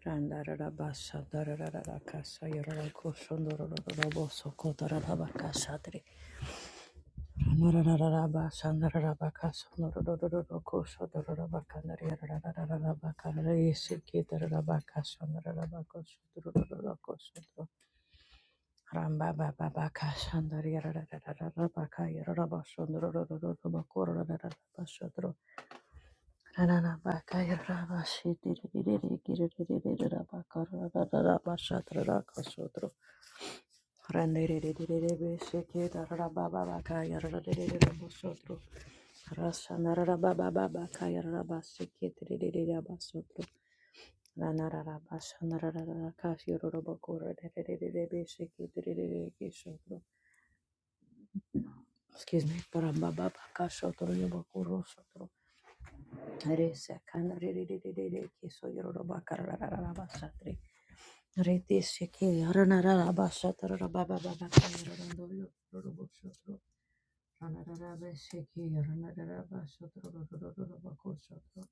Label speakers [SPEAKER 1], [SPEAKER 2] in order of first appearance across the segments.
[SPEAKER 1] Randarabasa, darararabakasa, yararakoshondorororoboso, kotararabakasatri. Ranarararabasa, nararabakasa, nororororokosho, dororabakandari, yararararabakandari, kitararabakasa, nararabakosho, dorororokosho, dor- Rambabababakasandari, yararararabaka, yararabaso, dororororobokorororabasodro. Excuse me, para baba kasho toro yobo kuro sotro. Re se kana re re re re re re ke so yoro roba karara Rete sheke yaranara bashatara baba baba yarandolo robo shatro ranara besheke yaranara bashatro robo bako shatro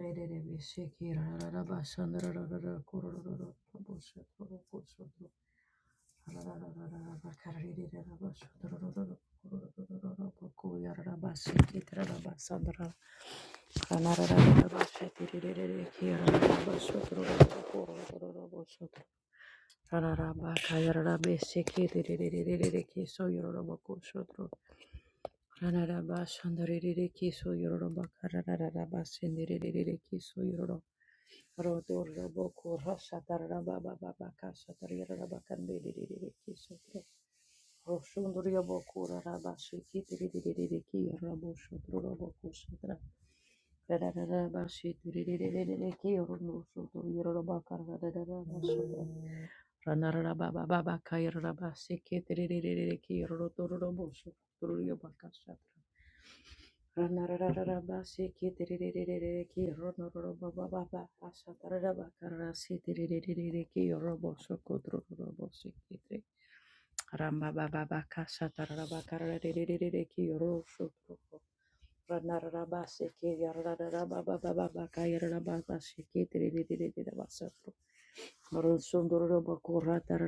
[SPEAKER 1] rete rebe sheke ranara bashandra ranara kororo robo shatro bako shatro ranara bakarere ranara bashatro robo kororo bako yarara basheke ranara basandra ranara bashetire rete rete ke ranara bashatro robo kororo robo Rararaba kayarara bese kiririririririri kiso yororoba koshodro. Rararaba shandaririri kiso yororoba karararaba sendiririri kiso yororo. Rodorobo kura shatararaba baba baka shatariraraba kandiririri kiso tro. Roshunduriyobo kura raba shikitiririri kiyorabo shodrorobo kushatra. Rararaba shitiririri kiyororo shodro yororoba karararaba shodro. Ranarababa Kairaba Sikiriki Rotorobosu Bakasatra. Ranarababa Sikiriki Ronorobaba Asataraba Karasitiriki Robosu Rondororo boku, rotoro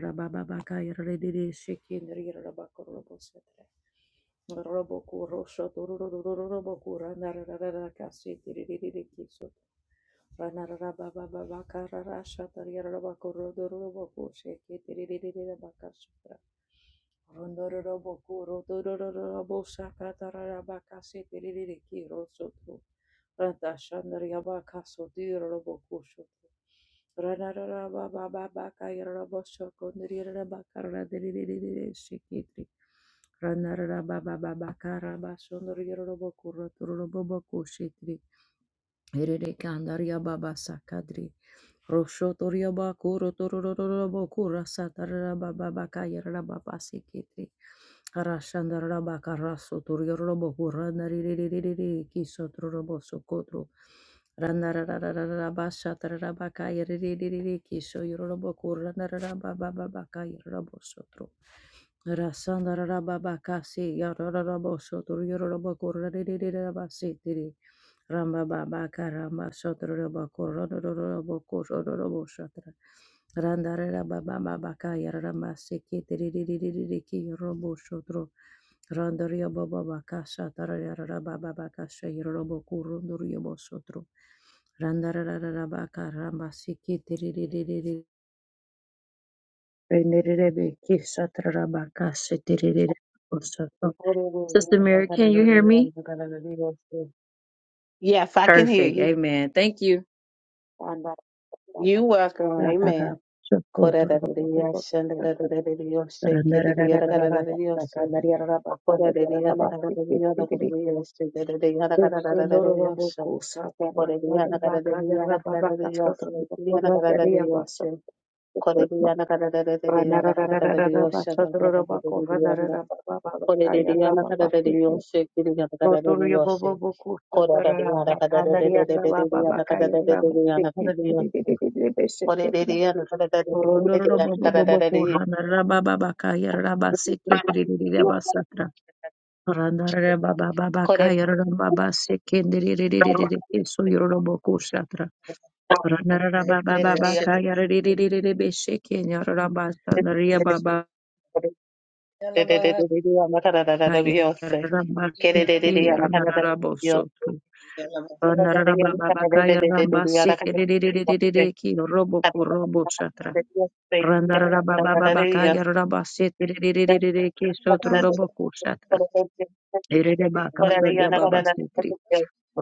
[SPEAKER 1] boshaka tarara bakase tererere ki rosoto. Rada Shandari Yabaka Sodi Robokusho. Ranarara Baba Babaka Yarabosho Kondri Rabaka Radiri Shikitri. Ranarara Baba Babaka Rabashondri Robokuro Turoboko Shitri. Erede Kandaria Baba Sakadri. Roshotoria Bakuro Turobokura Satarababa Baka Yarababa Sikitri. Arashanda rabaka raso turio turiorobo kurana riririririri kiso tururobo sokotro. Ranararararaba shatarabaka yiriririri kiso yororobo kurana rarababa baka yororobo sotro. Rasanda rababakasi yararabo sotor yororobo korarererabasitiri rambababaka ramba sotor robo korororobo korororobo sotor randarabababaka yararamasitiri ki robo sotor randarabababaka satar yararababaka shayorobo korororobo sotor randarababaka ramba sikitiri Sister Mary, can you hear me?
[SPEAKER 2] Yes, I can hear
[SPEAKER 1] Perfect.
[SPEAKER 2] you.
[SPEAKER 1] Amen. Thank you.
[SPEAKER 2] You welcome. Amen. Yes.
[SPEAKER 1] Rotorio Bobo Boku Sataraba Kandaria Baba Bakaya Rabu Sekitri Rondoro Bobo Bobo Kurana Rababa Bakaya Raba Sekitri Basatra Randare Baba Baba Kaya Rambaba Sekindri So Yorobo Kusatra Ranara Baba Baba Kaya Besekin Rabasa Naria Baba Kaya Ramba Seki Ranarabo Randarabababakaya rambasete rererererere ki robo ko robo shatra. Randarabababakaya rambasete rererererere ki sotro robo ko shatra.
[SPEAKER 2] Dios,
[SPEAKER 1] Ererebakanda yababasetri.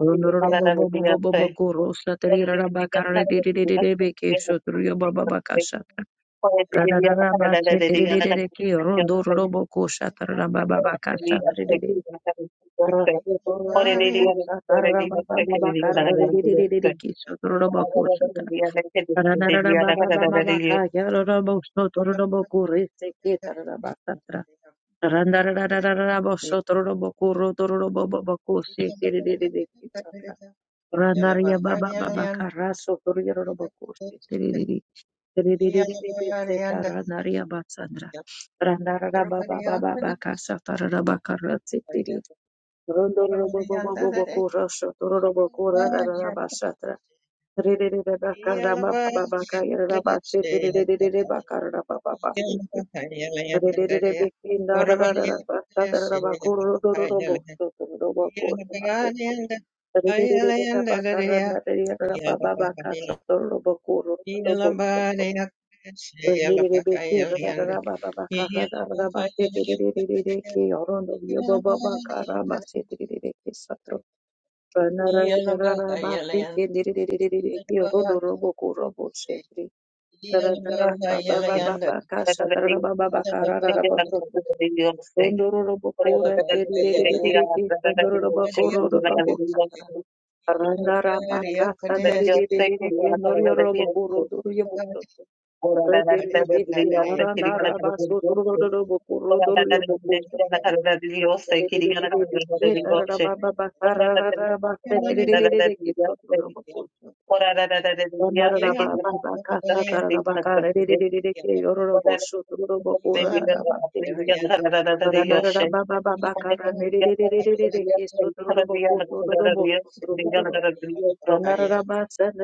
[SPEAKER 1] Rondoroboboboboboboko rosatri rarabakara rererererebe ki sotro yobababaka shatra. Radarabasete rererere ki rondoroboko shatra rabababaka shatra Randaria baba baba
[SPEAKER 3] Yeah. Yeah.
[SPEAKER 1] baba baka satara baka ratsi tiri Rondororobobobobobokorosho, tororobokorararabashatra, rererebakarabababakayararabashete, rerererebakarabababasete, rerererebekindarararabashatararabakororororoboso, tororobokorabasete, rerererebakaranarirabababakasha, tororobokorororoboso, rerererebekindarararabababakarararabasete, rerererekeyorondoriobobabakarabasete, rerererekesatro, Nara
[SPEAKER 3] Yeah.
[SPEAKER 1] nara raba seke ndiri ndiri ndiri ndiri kiyo rodo robo kurobo shetri. Nara nara raba ba ba ba ba kasha nara raba ba ba kara rara ba sotro. Rondoro robo kura ndiri ndiri ndiri ndiri kiyo sondoro robo kuro rodo robo satara. Randa raba kasa ndiri
[SPEAKER 2] Dios
[SPEAKER 1] ndiri ndiri
[SPEAKER 2] te
[SPEAKER 1] ndiri
[SPEAKER 2] cuida
[SPEAKER 1] kiyo
[SPEAKER 2] la
[SPEAKER 1] noriyo
[SPEAKER 2] palabra de
[SPEAKER 1] robo
[SPEAKER 2] Dios.
[SPEAKER 1] kuro doro yobo sotro.
[SPEAKER 2] Ora
[SPEAKER 1] Re
[SPEAKER 2] la
[SPEAKER 1] ndiri
[SPEAKER 2] carita
[SPEAKER 1] ndiri
[SPEAKER 2] de
[SPEAKER 1] besi
[SPEAKER 2] Dios, te
[SPEAKER 1] nara nara
[SPEAKER 2] quería la
[SPEAKER 1] raba
[SPEAKER 2] carita de Dios.
[SPEAKER 1] sotro rodo robo kuro
[SPEAKER 2] Ora
[SPEAKER 1] doro
[SPEAKER 2] la
[SPEAKER 1] yobo
[SPEAKER 2] carita de
[SPEAKER 1] kusa.
[SPEAKER 2] Dios, la carita de Dios, te
[SPEAKER 1] Ranarababa
[SPEAKER 2] quería la carita de Dios. Ora la carita de Dios, ora la carita de Dios, te quería la carita de Dios. Ora la carita de Dios, la carita de Dios. Ora la carita de Dios, la carita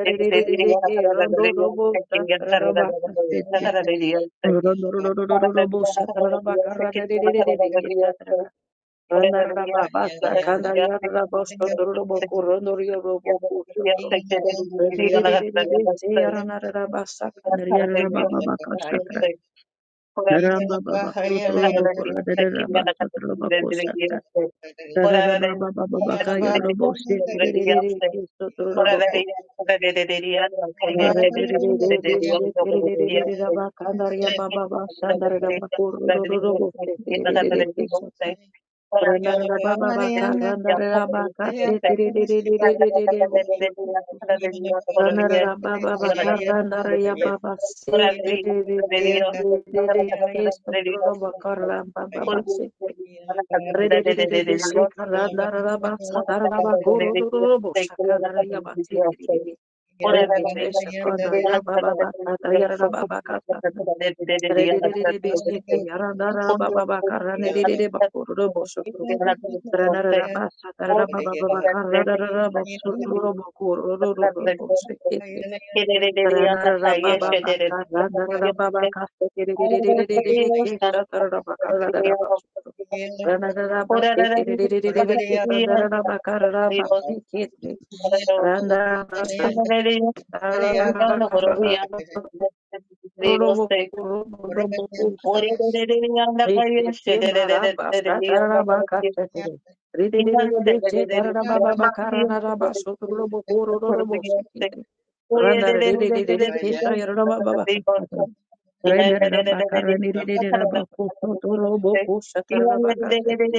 [SPEAKER 2] Yes,
[SPEAKER 3] Yeah.
[SPEAKER 1] Randarababasa, Kandariarabasotoroboku, Rondorioroboku, Shatro. Rebebebebebebe, Yaranarabasa, Kandariarabababaka, Shatra. Narambababasotoroboku, Radarabasotoroboku, Shatra. Rararababababaka, Yaroboshe, Terererereke, Sotoroboku. Rarebebebebe, Shetererererabaka, Andariabababa, Shandarabakuru, Roroboshe, Terererereke, Shatra.
[SPEAKER 3] Yeah.
[SPEAKER 1] Ranarabababaka, randarabaka, setiriririririririri, bukshukutu. Ranarabababaka, randarababa, setiriririririririri, kesatrorabaka, rambababa, sete. Rediririribiseka, randarabasa, tararabakurururu, shakandarababa, setiririri. Redisheshakandarababa, tatararababaka, satana. Rediririribiseki, randarababaka, randiriribakururu, Randa
[SPEAKER 2] Or Thank
[SPEAKER 1] Render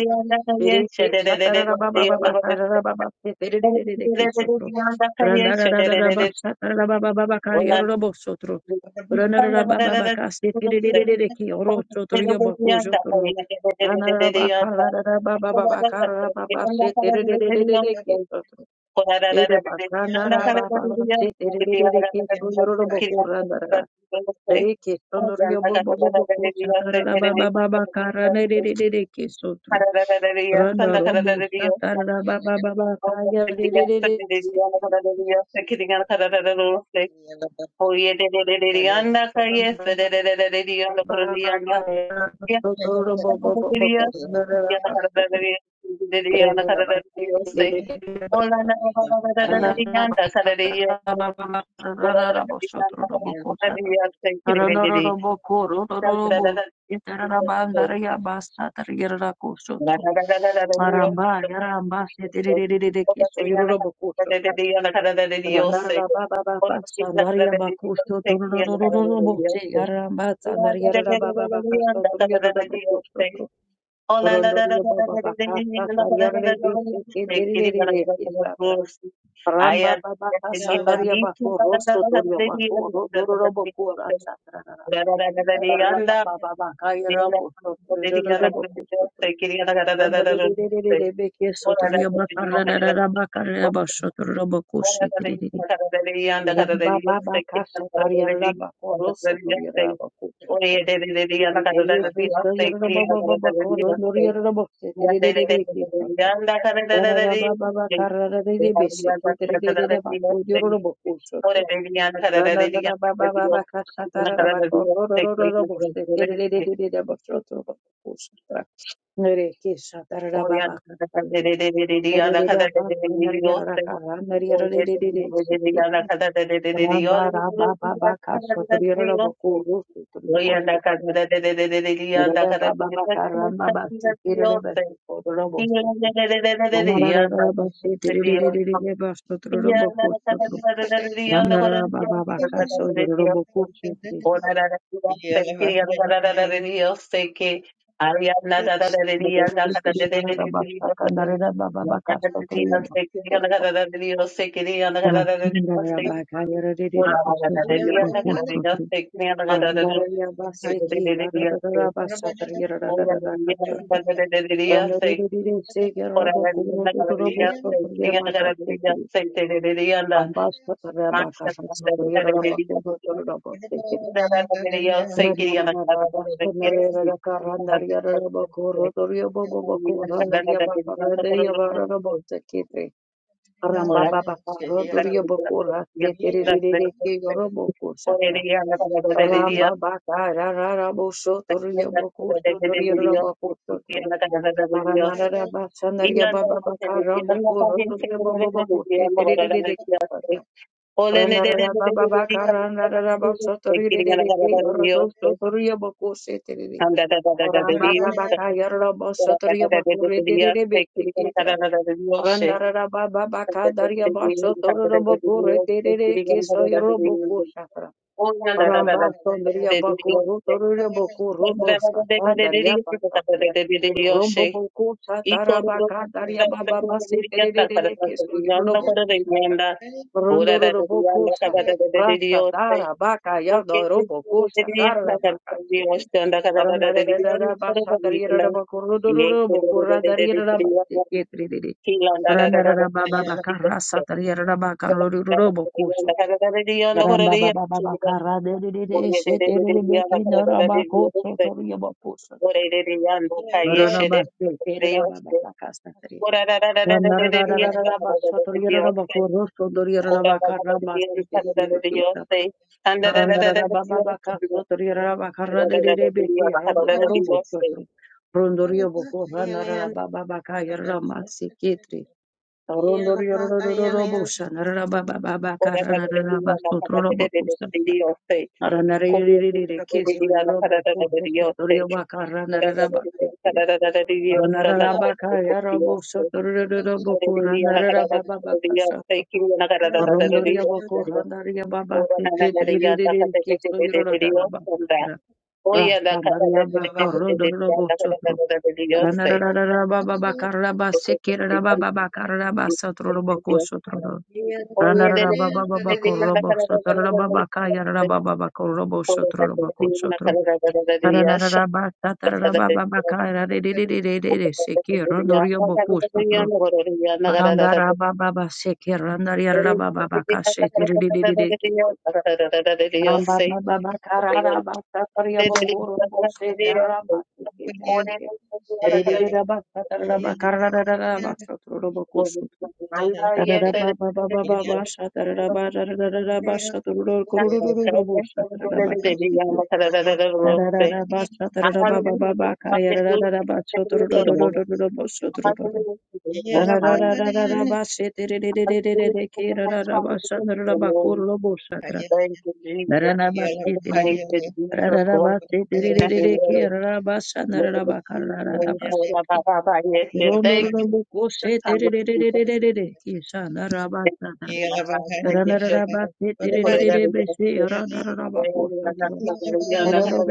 [SPEAKER 1] Bereke shatarabababa karababa terererereke sotro. Randarararaba shatarabababa
[SPEAKER 2] Thank
[SPEAKER 1] karyarabo sotro. Randararababa kase terererereke oro sotro yobako jotro. Randararaba karararababa karababa se terererereke sotro. Ere bakrandarababa se terererereke soyoroboko randarara. Reke sonorio bobo bobo kusha tarara baba baba kara ne re re re reke sotro. Rana robo sa tarara baba baba kaya re re re re se.
[SPEAKER 2] you. Oye, de de de de de anda, calle,
[SPEAKER 1] Rana
[SPEAKER 2] fe de! De de de de de anda, corre de!
[SPEAKER 1] baba
[SPEAKER 2] anda,
[SPEAKER 1] kaya
[SPEAKER 2] ya,
[SPEAKER 1] sotro robo bobo
[SPEAKER 2] De de
[SPEAKER 1] bobo
[SPEAKER 2] Dios,
[SPEAKER 1] kura na re ra
[SPEAKER 2] ya
[SPEAKER 3] Yeah.
[SPEAKER 2] la
[SPEAKER 1] ba se.
[SPEAKER 2] carrera de Dios, de de anda,
[SPEAKER 1] Rana ra ba
[SPEAKER 2] carrera de!
[SPEAKER 1] se
[SPEAKER 2] Dios,
[SPEAKER 1] re
[SPEAKER 2] se,
[SPEAKER 1] re re re ba
[SPEAKER 2] hola,
[SPEAKER 1] sa.
[SPEAKER 2] na, De de
[SPEAKER 1] Rana
[SPEAKER 2] de de
[SPEAKER 1] ra
[SPEAKER 2] anda,
[SPEAKER 1] ba sa
[SPEAKER 2] carrera de Dios,
[SPEAKER 1] tarara baba baba kara
[SPEAKER 2] pura
[SPEAKER 1] ra
[SPEAKER 2] de!
[SPEAKER 1] ra bo
[SPEAKER 2] De
[SPEAKER 1] sotro
[SPEAKER 2] anda,
[SPEAKER 1] robo
[SPEAKER 2] carrera de
[SPEAKER 1] kusha.
[SPEAKER 2] Dios, se, quiere de de de
[SPEAKER 1] Rororobo koro, rororobo
[SPEAKER 2] carrera de!
[SPEAKER 1] itararabandara
[SPEAKER 2] Dios,
[SPEAKER 1] yabasa tarigeraku
[SPEAKER 2] la
[SPEAKER 1] sotro.
[SPEAKER 2] carrera De Dios,
[SPEAKER 1] Aramba, yaramba setiririririri
[SPEAKER 2] hola,
[SPEAKER 1] kiso
[SPEAKER 2] de anda,
[SPEAKER 1] yororobo
[SPEAKER 2] carrera de
[SPEAKER 1] kusotro.
[SPEAKER 2] Dios, la carrera de Dios, se,
[SPEAKER 1] Randaraba baba
[SPEAKER 2] hola, de la
[SPEAKER 1] sandaria
[SPEAKER 2] carrera de! Dios,
[SPEAKER 1] bakusto
[SPEAKER 2] se, quiere la carrera
[SPEAKER 1] tororororobo
[SPEAKER 2] De
[SPEAKER 1] se
[SPEAKER 2] Dios,
[SPEAKER 1] yaramba sandaria baba baba kasto torororobo kusotro. Korondorio baba bakasta tariare bese tiriririririri kista tra. Ramba baba kasta taria baku rosso torio baku rororobo kura
[SPEAKER 2] I
[SPEAKER 1] Rabba Randa Baba Baba Casso,
[SPEAKER 2] Thank you. Oriana Oriana
[SPEAKER 1] Robo Cucci, Bambasta
[SPEAKER 2] Thank you.
[SPEAKER 3] Yeah.
[SPEAKER 1] Rebecca, Ramba Ranarababa
[SPEAKER 2] Ora, Dios,
[SPEAKER 1] Karanaraba Sotori Dedeke Yorodo Sotoria Boko Seteri. Ramba baba kaya rabo sotoria bakure terere bete ketra. Randa rara baba baka daria baso toro rabo kure terere keso yorobo kushatra.
[SPEAKER 2] Oh, yeah, da da da da.
[SPEAKER 1] Ramba sondria
[SPEAKER 2] De de de de
[SPEAKER 1] bakuru toro rabo kuro
[SPEAKER 2] de de
[SPEAKER 1] bosa.
[SPEAKER 2] de de
[SPEAKER 1] Daria baka tri.
[SPEAKER 2] de de de
[SPEAKER 1] Rombo
[SPEAKER 2] de
[SPEAKER 1] boku
[SPEAKER 2] E
[SPEAKER 1] satara
[SPEAKER 2] cororo
[SPEAKER 1] baka daria
[SPEAKER 2] da da da
[SPEAKER 1] baba
[SPEAKER 2] de
[SPEAKER 1] base
[SPEAKER 2] de de da da da
[SPEAKER 1] terere
[SPEAKER 2] da
[SPEAKER 1] keso yorobo
[SPEAKER 2] da da de
[SPEAKER 1] kushatra.
[SPEAKER 2] de da. Oh, da da da da da
[SPEAKER 1] Rondorobokosha,
[SPEAKER 2] da da de de de
[SPEAKER 1] Rasa
[SPEAKER 2] de.
[SPEAKER 1] Dara Baka
[SPEAKER 2] Okay,
[SPEAKER 1] Yada
[SPEAKER 2] de de de
[SPEAKER 1] Robokosha,
[SPEAKER 2] de da
[SPEAKER 1] Dara
[SPEAKER 2] da
[SPEAKER 1] Baka
[SPEAKER 2] da de de
[SPEAKER 1] Chite.
[SPEAKER 2] da da da da de de
[SPEAKER 1] Randarada Basha
[SPEAKER 2] de
[SPEAKER 1] Tarira
[SPEAKER 2] da. E de
[SPEAKER 1] Bakuruduru
[SPEAKER 2] de de
[SPEAKER 1] Bokura
[SPEAKER 2] de de
[SPEAKER 1] Darira
[SPEAKER 2] de de de.
[SPEAKER 1] Bakitri.
[SPEAKER 2] Kila da da da da da
[SPEAKER 1] Randarada Baba
[SPEAKER 2] de de
[SPEAKER 1] Baka
[SPEAKER 2] de. Da da da de de da da da de
[SPEAKER 1] Rasa
[SPEAKER 2] de.
[SPEAKER 1] Tarira Baka Roduru Bokosha. Ramba Baba Baba Kara Dede
[SPEAKER 2] Oye, de de
[SPEAKER 1] Shete
[SPEAKER 2] de de da
[SPEAKER 1] Beke
[SPEAKER 2] da da de
[SPEAKER 1] Norabakosha
[SPEAKER 2] de.
[SPEAKER 1] Toria Bokosha.
[SPEAKER 2] Dios,
[SPEAKER 1] Marana Bakte Terra Baba Baka Randorio Ranarabakaya Rabo Sotoraboko Ranarabababakasato. Rondoria Boko Randaria Baba
[SPEAKER 2] Ora na na na ya da ka
[SPEAKER 1] Kitri
[SPEAKER 2] te te te
[SPEAKER 1] Kitso
[SPEAKER 2] te te te yo sanda.
[SPEAKER 1] Yorodabakandra.
[SPEAKER 2] O ya da ka te te
[SPEAKER 1] Rastandaria
[SPEAKER 2] te
[SPEAKER 1] Bako
[SPEAKER 2] te te te te te
[SPEAKER 1] Rodorobo
[SPEAKER 2] da ka te te
[SPEAKER 1] Sotro.
[SPEAKER 2] te te te yo sei.
[SPEAKER 1] Ranarabababakara
[SPEAKER 2] Te te te te te
[SPEAKER 1] Sikirabababakara
[SPEAKER 2] te te te
[SPEAKER 1] Sotroboko
[SPEAKER 2] yo.
[SPEAKER 1] Sotro.
[SPEAKER 2] O ye de de ka te te te
[SPEAKER 1] Ranarabababako
[SPEAKER 2] te da
[SPEAKER 1] Robo
[SPEAKER 2] ka te te te te te
[SPEAKER 1] Sotorabakaya
[SPEAKER 2] te.
[SPEAKER 1] Rabababako Robo
[SPEAKER 2] Ora da te te na ka
[SPEAKER 1] Sotroboko
[SPEAKER 2] te te te te
[SPEAKER 1] Rabba
[SPEAKER 2] te ya sha da ka te te te te te ya. Na ka te te te ya no ro ri ya na ka te te te te. Ora te te ka te te te te te te yo da ka te te te te te yo sei. Thank you, Jesus. Thank you, Jesus.
[SPEAKER 1] Rana
[SPEAKER 3] Yeah.
[SPEAKER 1] rana basi
[SPEAKER 2] Glory to your name, Lord. Thank you.
[SPEAKER 1] tiri tiri tiri besi Rondo Hallelujah,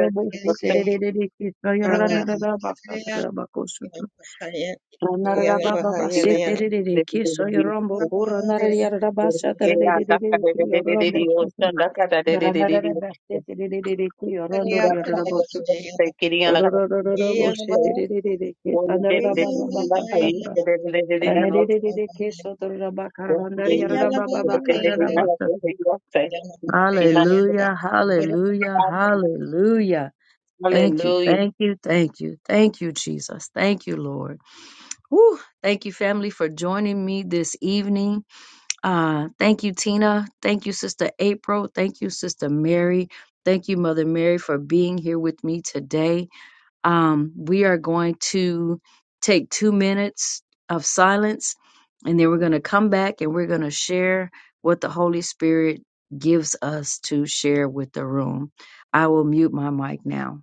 [SPEAKER 3] Hello,
[SPEAKER 2] Mm. Yeah.
[SPEAKER 1] hallelujah, hallelujah. Thank you.
[SPEAKER 2] Hallelujah.
[SPEAKER 1] Thank you. Thank you. Thank you, Jesus. Thank you, Lord. Whew. Thank you, family, for joining me this evening. Uh, thank you, Tina. Thank you, Sister April. Thank you, Sister Mary. Thank you, Mother Mary, for being here with me today. Um, we are going to take two minutes of silence and then we're going to come back and we're going to share what the Holy Spirit gives us to share with the room. I will mute my mic now.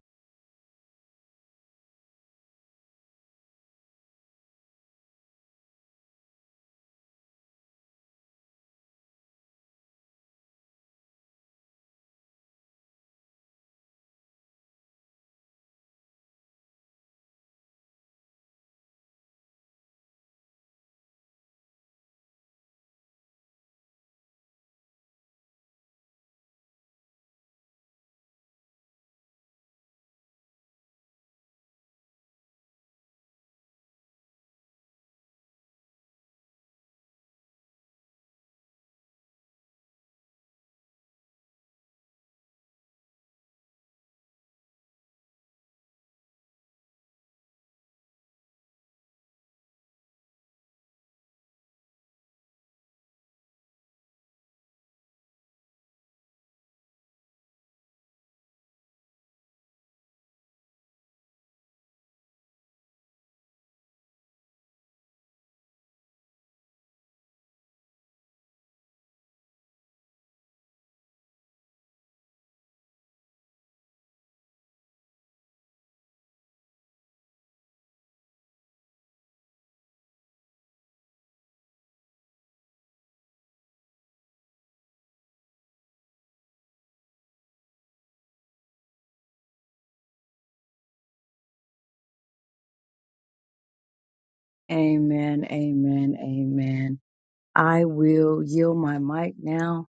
[SPEAKER 1] Amen, amen, amen. I will yield my mic now.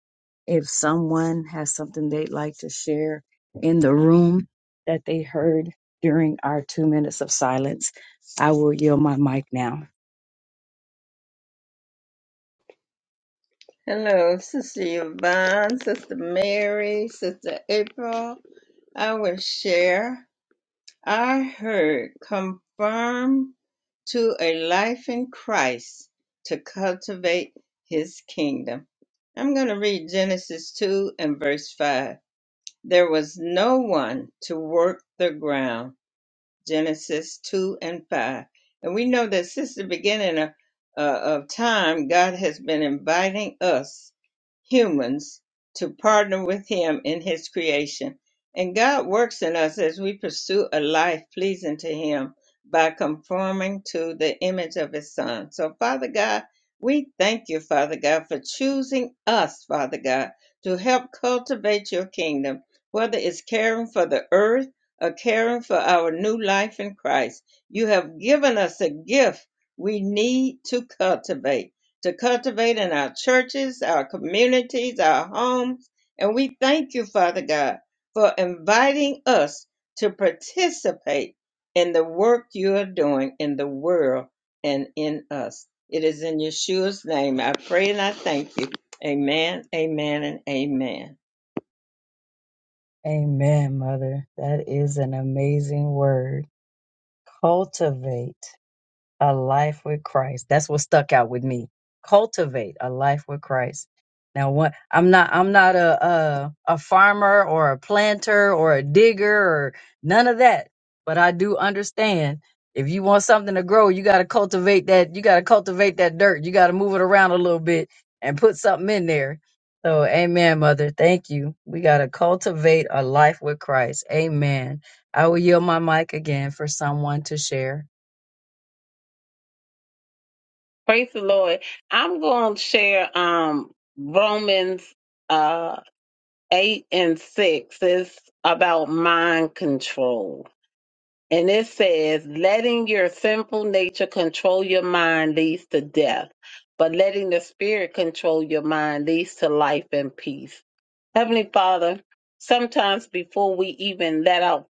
[SPEAKER 1] If someone has something they'd like to share in the room that they heard during our two minutes of silence, I will yield my mic now.
[SPEAKER 3] Sister Yvonne, Sister Mary, Sister April. I will share. I heard confirm to a life in Christ to cultivate his kingdom. I'm going to read Genesis 2 and verse 5. There was no one to work the ground Genesis 2 and 5. And we know that since the beginning of, uh, of time, God has been inviting us humans to partner with Him in His creation. And God works in us as we pursue a life pleasing to Him by conforming to the image of His Son. So, Father God, we thank you, Father God, for choosing us, Father God, to help cultivate your kingdom, whether it's caring for the earth are caring for our new life in Christ. You have given us a gift we need to cultivate, to cultivate in our churches, our communities, our homes. And we thank you, Father God, for inviting us to participate in the work you are doing in the world and in us. It is in Yeshua's name I pray and I thank you. Amen, amen, and amen.
[SPEAKER 1] Amen, Mother. That is an amazing word. Cultivate. A life with Christ. That's what stuck out with me. Cultivate a life with Christ. Now, what I'm not, I'm not a, a a farmer or a planter or a digger or none of that. But I do understand if you want something to grow, you got to cultivate that. You got to cultivate that dirt. You got to move it around a little bit and put something in there. So, Amen, Mother. Thank you. We got to cultivate a life with Christ. Amen. I will yield my mic again for someone to share.
[SPEAKER 2] Praise the Lord. I'm going to share um, Romans uh, 8 and 6. It's about mind control. And it says, letting your sinful nature control your mind leads to death, but letting the spirit control your mind leads to life and peace. Heavenly Father, sometimes before we even let out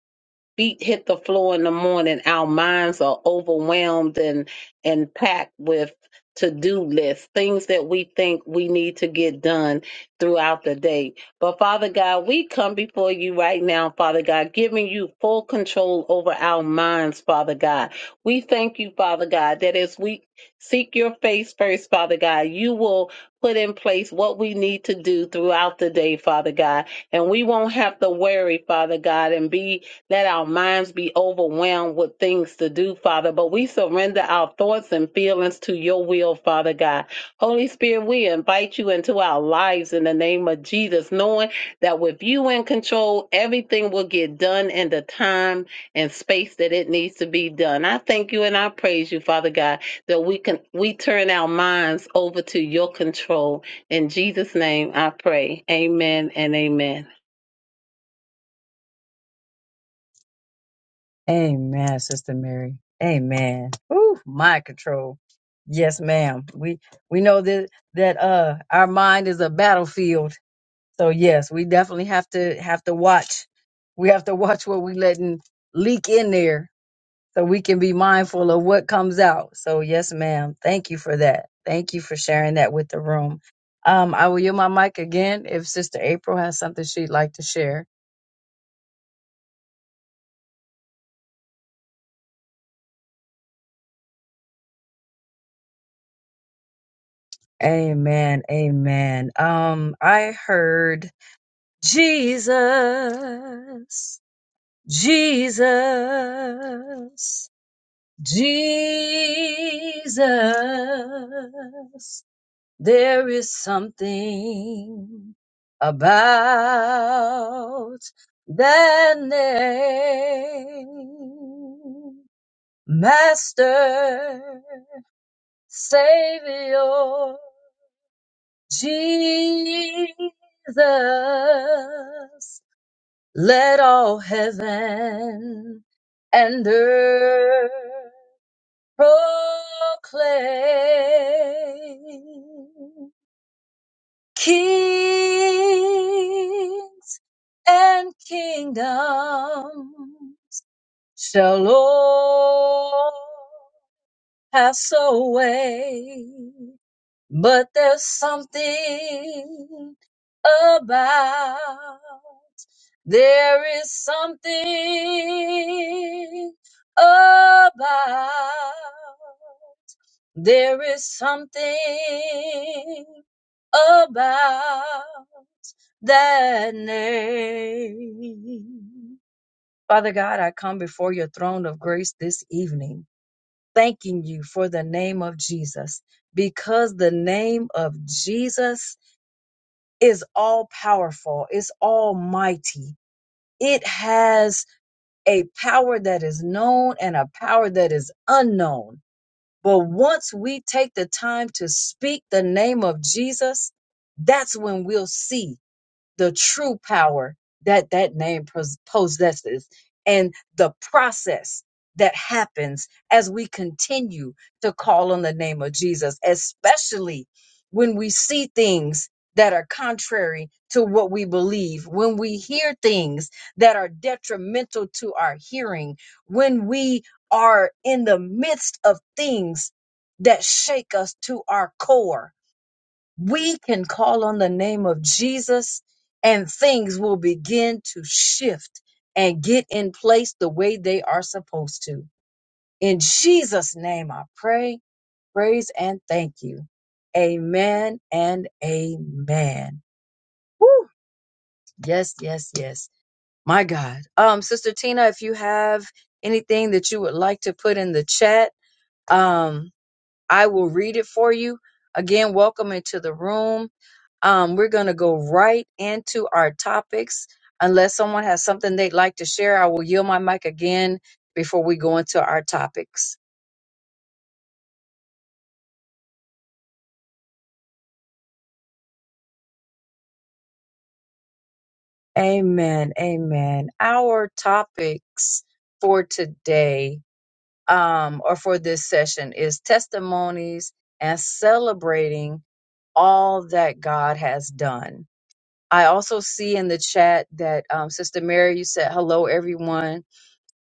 [SPEAKER 2] feet hit the floor in the morning, our minds are overwhelmed and and packed with to-do lists, things that we think we need to get done throughout the day. But Father God, we come before you right now, Father God, giving you full control over our minds, Father God. We thank you, Father God, that as we seek your face first, Father God, you will put in place what we need to do throughout the day, Father God. And we won't have to worry, Father God, and be let our minds be overwhelmed with things to do, Father. But we surrender our thoughts and feelings to your will, Father God. Holy Spirit, we invite you into our lives in the name of Jesus, knowing that with you in control, everything will get done in the time and space that it needs to be done. I thank you and I praise you, Father God, that we can we turn our minds over to your control. In Jesus' name I pray. Amen and amen.
[SPEAKER 1] Amen, Sister Mary. Amen. Ooh, mind control. Yes, ma'am. We we know that that uh our mind is a battlefield. So yes, we definitely have to have to watch. We have to watch what we letting leak in there so we can be mindful of what comes out. So yes, ma'am. Thank you for that. Thank you for sharing that with the room. Um, I will yield my mic again if Sister April has something she'd like to share. Amen. Amen. Um, I heard Jesus, Jesus, Jesus. There is something about that name, Master, Savior, Jesus. Let all heaven and earth proclaim. Kings and kingdom shall all pass away, But there's something about, there is something about, there is something about that name. Father God, I come before your throne of grace this evening, thanking you for the name of Jesus, because the name of Jesus is all powerful, it's almighty. It has a power that is known and a power that is unknown. But once we take the time to speak the name of Jesus, that's when we'll see the true power that that name pos- possesses and the process that happens as we continue to call on the name of Jesus, especially when we see things that are contrary to what we believe, when we hear things that are detrimental to our hearing, when we are in the midst of things that shake us to our core we can call on the name of Jesus and things will begin to shift and get in place the way they are supposed to. In Jesus' name, I pray, praise, and thank you. Amen and amen. Woo! Yes, yes, yes. My God. Um, Sister Tina, if you have anything that you would like to put in the chat, um, I will read it for you. Again, welcome into the room. Um, we're going to go right into our topics. Unless someone has something they'd like to share, I will yield my mic again before we go into our topics. Amen. Amen. Our topics for today um, or for this session is testimonies and celebrating all that God has done. I also see in the chat that um, Sister Mary, you said hello, everyone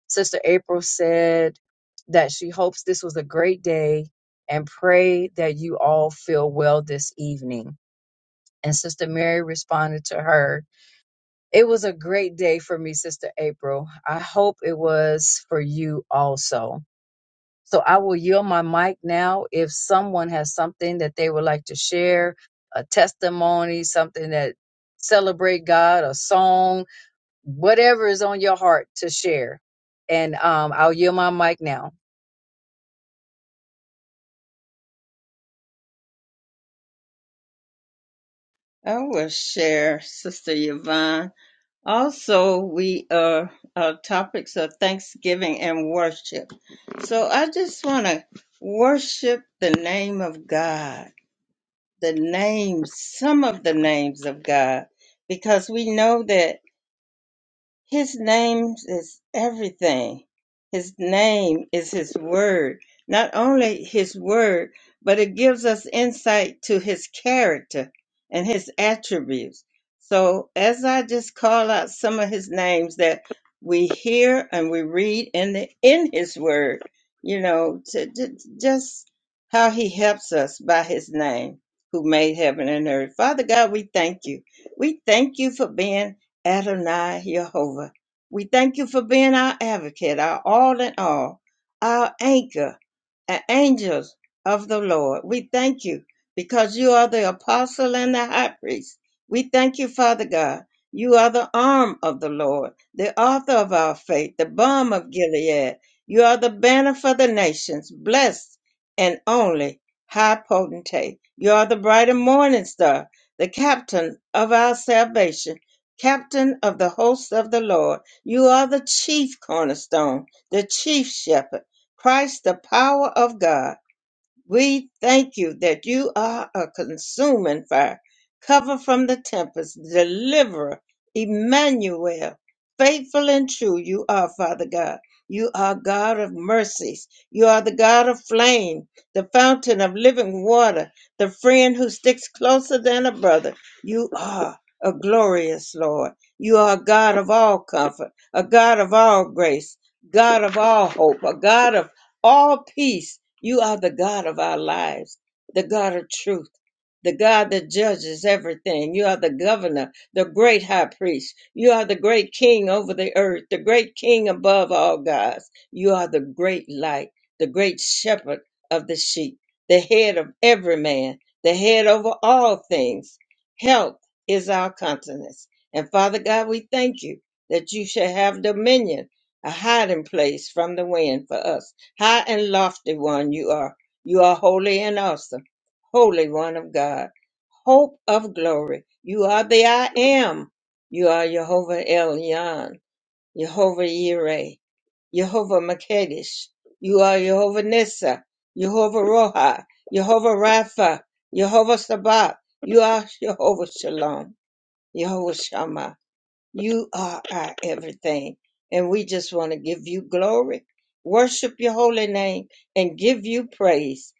[SPEAKER 1] Sister April said that she hopes this was a great day and pray that you all feel well this evening. And Sister Mary responded to her, It was a great day for me, Sister April. I hope it was for you also. So I will yield my mic now if someone has something that they would like to share, a testimony, something that celebrate God, a song, whatever is on your heart to share. And um, I'll yield my mic now.
[SPEAKER 3] I will share, Sister Yvonne. Also, we are our topics are Thanksgiving and worship. So I just want to worship the name of God, the names, some of the names of God, because we know that. His name is everything. His name is His Word. Not only His Word, but it gives us insight to His character and His attributes. So, as I just call out some of His names that we hear and we read in the in His Word, you know, to, to- just how He helps us by His name, who made heaven and earth. Father God, we thank you. We thank you for being. Adonai Jehovah. We thank you for being our advocate, our all in all, our anchor, and angels of the Lord. We thank you because you are the apostle and the high priest. We thank you, Father God. You are the arm of the Lord, the author of our faith, the balm of Gilead. You are the banner for the nations, blessed and only high potentate. You are the bright and morning star, the captain of our salvation captain of the hosts of the Lord. You are the chief cornerstone, the chief shepherd, Christ, the power of God. We thank you that you are a consuming fire, cover from the tempest, deliverer, Emmanuel. Faithful and true you are, Father God. You are God of mercies. You are the God of flame, the fountain of living water, the friend who sticks closer than a brother. You are a glorious Lord. You are a God of all comfort, a God of all grace, God of all hope, a God of all peace. You are the God of our lives, the God of truth, the God that judges everything. You are the governor, the great high priest. You are the great king over the earth, the great king above all gods. You are the great light, the great shepherd of the sheep, the head of every man, the head over all things. Health is our countenance, And Father God, we thank you that you shall have dominion, a hiding place from the wind for us High and lofty one you are. You are holy and awesome. Holy one of God. Hope of glory. You are the I am. You are Jehovah Elyon. Jehovah Yireh. Jehovah Makedesh. You are Jehovah Nissa. Jehovah Roha. Jehovah Rapha. Jehovah Sabbath. You are Jehovah Shalom. Jehovah Shammah. You are our everything. And we just want to give you glory, worship your holy name, and give you praise.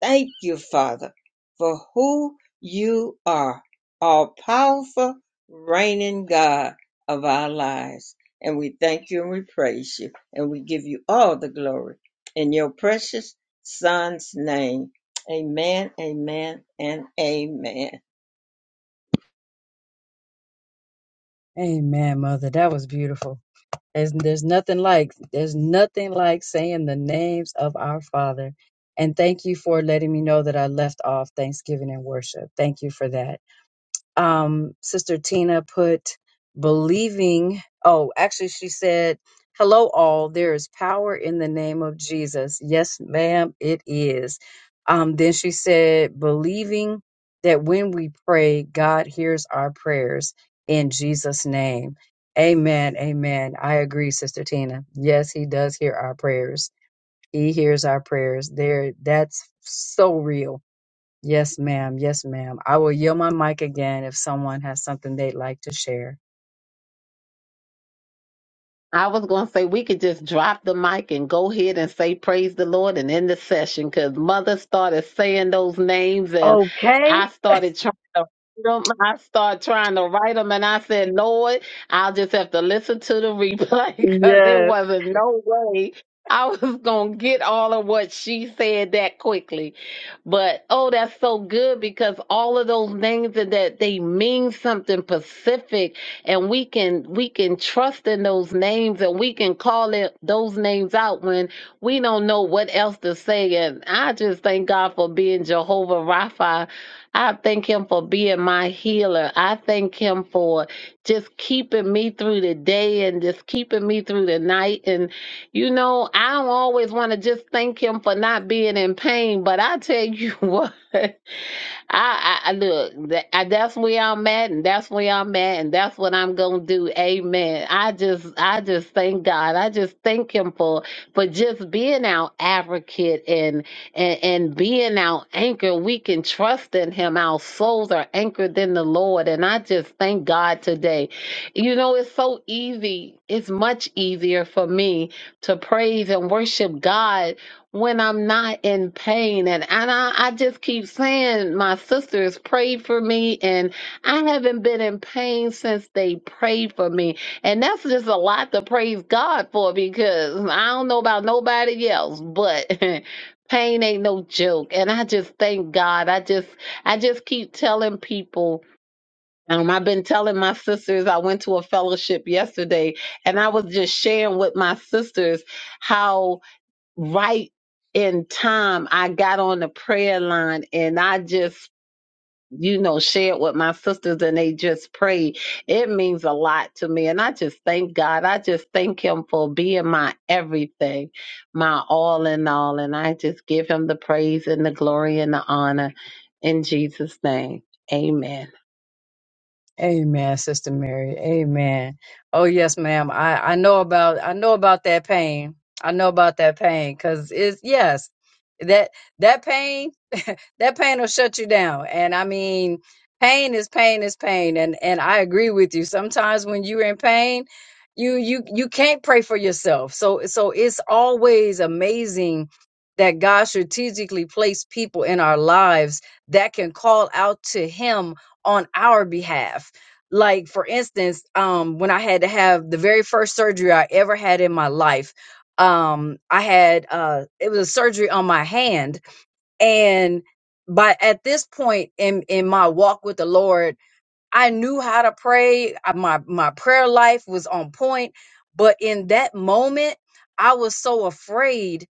[SPEAKER 3] Thank you, Father, for who you are, all powerful, reigning God of our lives. And we thank you and we praise you, and we give you all the glory in your precious Son's name. Amen, amen, and amen.
[SPEAKER 1] Amen, mother. That was beautiful. There's, there's nothing like there's nothing like saying the names of our Father. And thank you for letting me know that I left off Thanksgiving and worship. Thank you for that um, Sister Tina put believing. Oh, actually, she said, Hello, all. There is power in the name of Jesus. Yes, ma'am, it is. Um, then she said, believing that when we pray, God hears our prayers in Jesus' name. Amen. Amen. I agree, Sister Tina. Yes, he does hear our prayers. He hears our prayers. There, that's so real Yes, ma'am. Yes, ma'am. I will yield my mic again if someone has something they'd like to share.
[SPEAKER 2] I was going to say we could just drop the mic and go ahead and say praise the Lord and end the session because mother started saying those names and
[SPEAKER 1] Okay.
[SPEAKER 2] I started trying to write 'em. I started trying to write them and I said, Lord, I'll just have to listen to the replay because there
[SPEAKER 1] Yes.
[SPEAKER 2] wasn't no way I was going to get all of what she said that quickly. But oh, that's so good because all of those names and that they mean something specific and we can we can trust in those names and we can call it those names out when we don't know what else to say and i just thank god for being jehovah rapha i thank him for being my healer i thank him for just keeping me through the day and just keeping me through the night and you know i don't always want to just thank him for not being in pain but i tell you what I, I I- look. That, I, that's where I'm at, and that's where I'm at, and that's what I'm gonna do. Amen. I just, I just thank God. I just thank Him for for just being our advocate and and and being our anchor. We can trust in Him. Our souls are anchored in the Lord, and I just thank God today. You know, it's so easy. It's much easier for me to praise and worship God when I'm not in pain. And, and I, I just keep saying, my sisters prayed for me, and I haven't been in pain since they prayed for me. And that's just a lot to praise God for because I don't know about nobody else, but. Pain ain't no joke. And I just thank God. I just I just keep telling people. Um, I've been telling my sisters I went to a fellowship yesterday and I was just sharing with my sisters how right in time, I got on the prayer line and I just, you know, shared with my sisters and they just prayed. It means a lot to me. And I just thank God. I just thank Him for being my everything, my all in all. And I just give Him the praise and the glory and the honor in Jesus' name. Amen.
[SPEAKER 1] Amen, Sister Mary. Amen. Oh yes, ma'am. I I know about I know about that pain. I know about that pain because it's yes that that pain that pain will shut you down. And I mean, pain is pain is pain. And and I agree with you. Sometimes when you're in pain, you you you can't pray for yourself. So so it's always amazing that God strategically placed people in our lives that can call out to Him on our behalf. Like for instance, um, when I had to have the very first surgery I ever had in my life, um, I had uh, it was a surgery on my hand, and by at this point in in my walk with the Lord, I knew how to pray. I- My my prayer life was on point, but in that moment, I was so afraid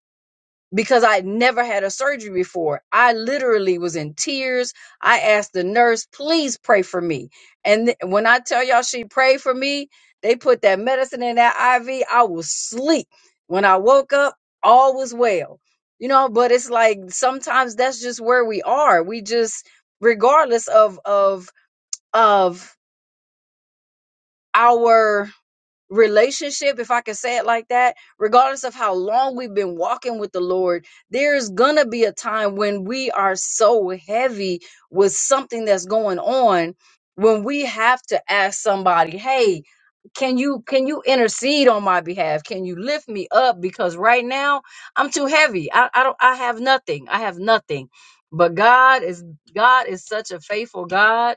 [SPEAKER 1] because I never had a surgery before. I literally was in tears. I asked the nurse, please pray for me. And th- when I tell y'all she prayed for me, they put that medicine in that IV. I was asleep. When I woke up, all was well. You know, but it's like sometimes that's just where we are. We just, regardless of of of our relationship, if I can say it like that, regardless of how long we've been walking with the Lord, there's gonna be a time when we are so heavy with something that's going on when we have to ask somebody, hey, can you can you intercede on my behalf? Can you lift me up? Because right now I'm too heavy. I, I don't I have nothing. I have nothing. But God is God is such a faithful God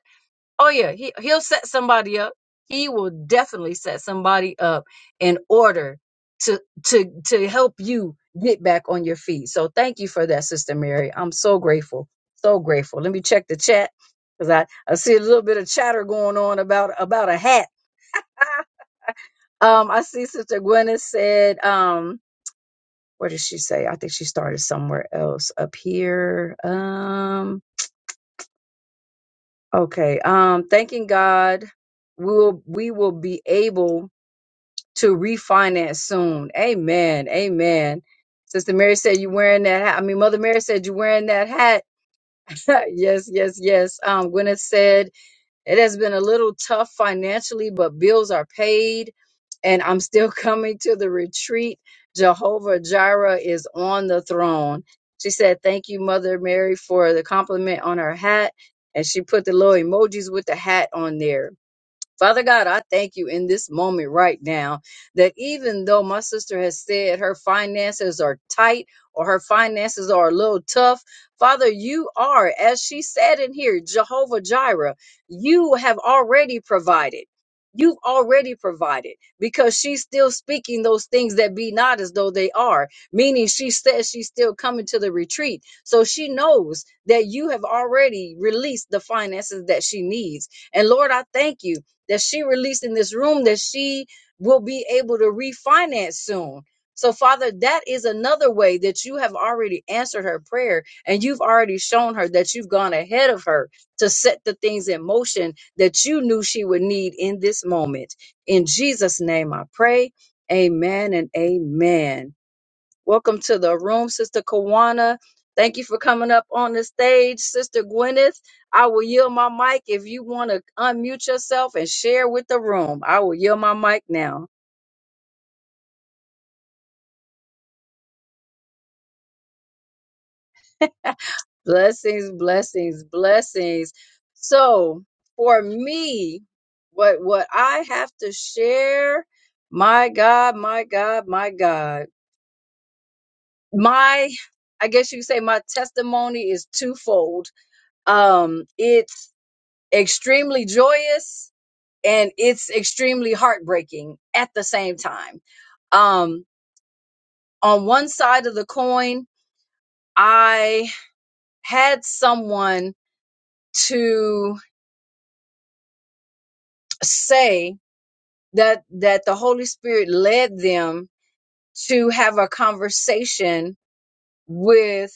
[SPEAKER 1] Oh yeah, he he'll set somebody up. He will definitely set somebody up in order to to to help you get back on your feet. So thank you for that, Sister Mary. I'm so grateful, so grateful. Let me check the chat because I I see a little bit of chatter going on about about a hat. um, I see Sister Gwyneth said um. Where did she say? I think she started somewhere else up here. Um, okay. Um, thanking God, we will we will be able to refinance soon. Amen. Amen. Sister Mary said you're wearing that hat. I mean, Mother Mary said you're wearing that hat. yes, yes, yes. Um, Gwyneth said it has been a little tough financially, but bills are paid, and I'm still coming to the retreat. Jehovah Jireh is on the throne. She said, Thank you, Mother Mary, for the compliment on her hat. And she put the little emojis with the hat on there. Father God, I thank you in this moment right now that even though my sister has said her finances are tight or her finances are a little tough, Father, you are, as she said in here, Jehovah Jireh, you have already provided. You've already provided because she's still speaking those things that be not as though they are, meaning she says she's still coming to the retreat. So she knows that you have already released the finances that she needs. And Lord, I thank you that she released in this room that she will be able to refinance soon. So, Father, that is another way that you have already answered her prayer and you've already shown her that you've gone ahead of her to set the things in motion that you knew she would need in this moment. In Jesus' name I pray. Amen and amen. Welcome to the room, Sister Kawana. Thank you for coming up on the stage, Sister Gwyneth. I will yield my mic if you want to unmute yourself and share with the room. I will yield my mic now. Blessings, blessings, blessings. So, for me, what what I have to share, my God, my God, my God. My I guess you could say my testimony is twofold. Um it's extremely joyous and it's extremely heartbreaking at the same time. Um, on one side of the coin, I had someone to say that that the Holy Spirit led them to have a conversation with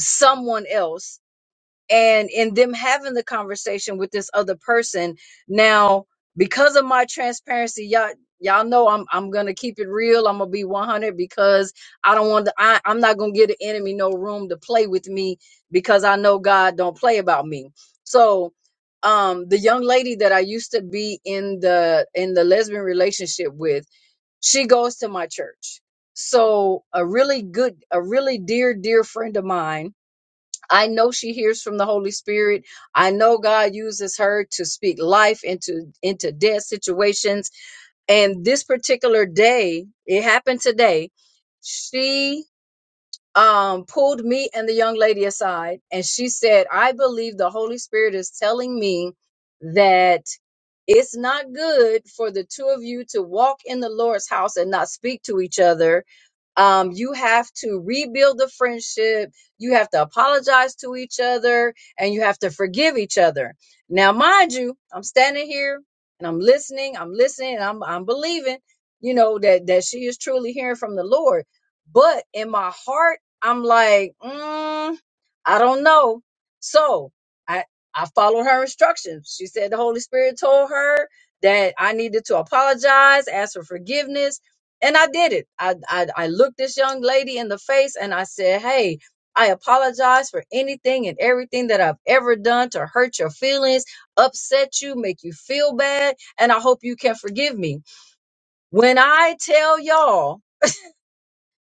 [SPEAKER 1] someone else and in them having the conversation with this other person now because of my transparency y'all y'all know i'm i'm gonna keep it real i'm gonna be 100 because i don't want to I, i'm not gonna give the enemy no room to play with me because i know god don't play about me so um the young lady that i used to be in the in the lesbian relationship with she goes to my church so a really good a really dear dear friend of mine I know she hears from the Holy Spirit. I know God uses her to speak life into into dead situations. And this particular day, it happened today. She um pulled me and the young lady aside and she said, "I believe the Holy Spirit is telling me that it's not good for the two of you to walk in the Lord's house and not speak to each other um, you have to rebuild the friendship. You have to apologize to each other and you have to forgive each other. Now, mind you, I'm standing here and I'm listening, I'm listening, and I'm, I'm believing, you know, that, that she is truly hearing from the Lord. But in my heart, I'm like, mm, I don't know. So I I followed her instructions. She said the Holy Spirit told her that I needed to apologize, ask for forgiveness, and I did it. I I, I looked this young lady in the face and I said, "Hey." I apologize for anything and everything that I've ever done to hurt your feelings, upset you, make you feel bad, and I hope you can forgive me. When I tell y'all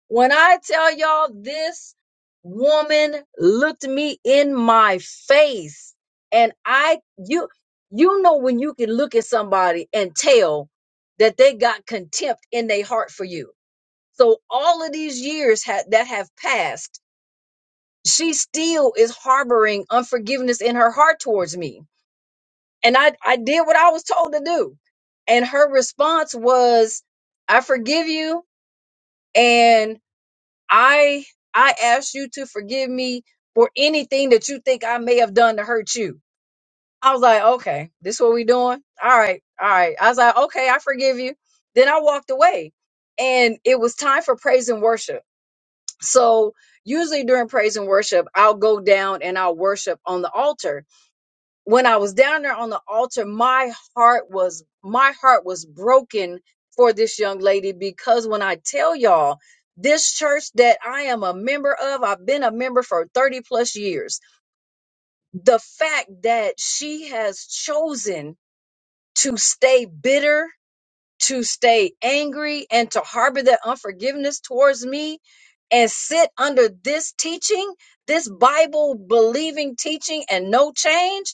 [SPEAKER 1] when I tell y'all this woman looked me in my face and I you you know when you can look at somebody and tell that they got contempt in their heart for you. So all of these years ha- that have passed, she still is harboring unforgiveness in her heart towards me. And I I did what I was told to do. And her response was I forgive you I I asked you to forgive me for anything that you think I may have done to hurt you. I was like, okay, this what we doing? All right, all right. I was like, okay, I forgive you. Then I walked away, and it was time for praise and worship. So usually during praise and worship, I'll go down and I'll worship on the altar when I was down there on the altar, my heart was my heart was broken for this young lady because when I tell y'all this church that I am a member of, I've been a member for 30 plus years. The fact that she has chosen to stay bitter, to stay angry, and to harbor that unforgiveness towards me and sit under this teaching, this Bible believing teaching and no change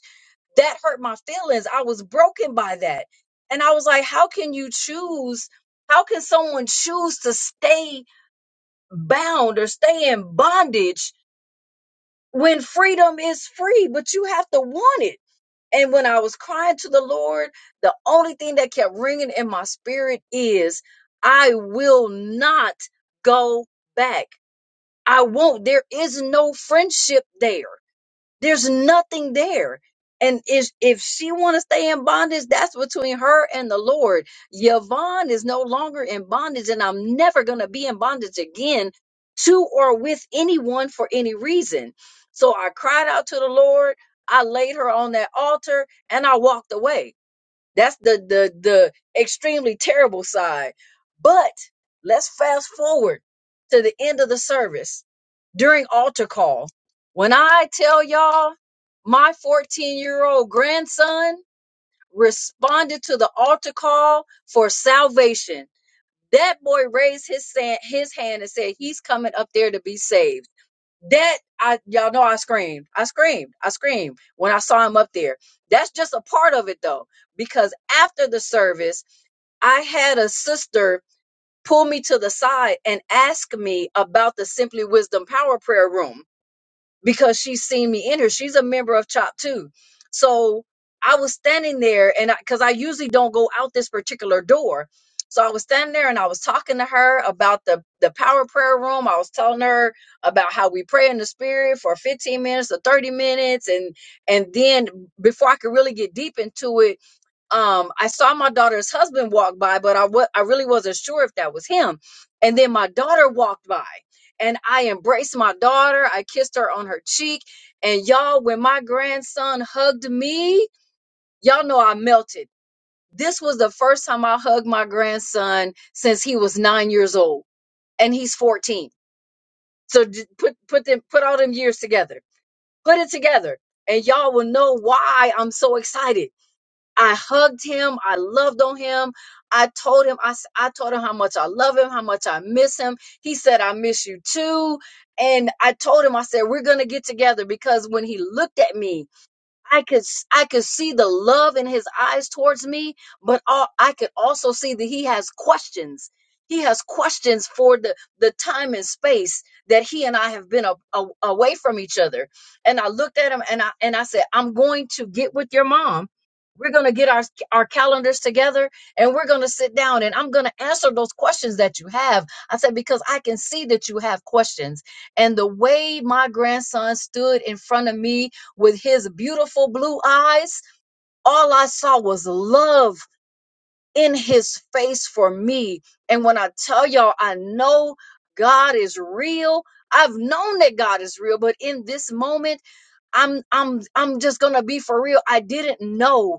[SPEAKER 1] that hurt my feelings. I was broken by that. And I was like, how can you choose? How can someone choose to stay bound or stay in bondage when freedom is free, but you have to want it? And when I was crying to the Lord, the only thing that kept ringing in my spirit is, I will not go back. I won't. There is no friendship there. There's nothing there. And if, if she want to stay in bondage, that's between her and the Lord. Yvonne is no longer in bondage, and I'm never going to be in bondage again to or with anyone for any reason. So I cried out to the Lord. I laid her on that altar and I walked away. That's the the the extremely terrible side. But let's fast forward to the end of the service during altar call. When I tell y'all my 14-year-old grandson responded to the altar call for salvation. That boy raised his hand, his hand and said he's coming up there to be saved. That I y'all know I screamed. I screamed. I screamed when I saw him up there. That's just a part of it though, because after the service, I had a sister pull me to the side and ask me about the Simply Wisdom Power Prayer Room because she's seen me in here. She's a member of CHOP too. So I was standing there and because I because I usually don't go out this particular door. So I was standing there and I was talking to her about the, the power prayer room. I was telling her about how we pray in the spirit for 15 minutes or 30 minutes. And and then before I could really get deep into it, um i saw my daughter's husband walk by but i wa- i really wasn't sure if that was him and then my daughter walked by and i embraced my daughter i kissed her on her cheek and y'all when my grandson hugged me y'all know i melted this was the first time i hugged my grandson since he was 9 years old and he's 14 so d- put put them put all them years together put it together and y'all will know why i'm so excited I hugged him. I loved on him. I told him, I, s- I told him how much I love him, how much I miss him. He said, I miss you too. And I told him, I said, we're going to get together because when he looked at me, I could s- I could see the love in his eyes towards me, but all, I could also see that he has questions. He has questions for the the time and space that he and I have been a, a- away from each other. And I looked at him and I and I said, "I'm going to get with your mom. We're going to get our our calendars together and we're going to sit down and I'm going to answer those questions that you have." I said because I can see that you have questions. And the way my grandson stood in front of me with his beautiful blue eyes, all I saw was love in his face for me. And when I tell y'all, I know God is real. I've known that God is real, but in this moment, I'm I'm I'm just gonna be for real. I didn't know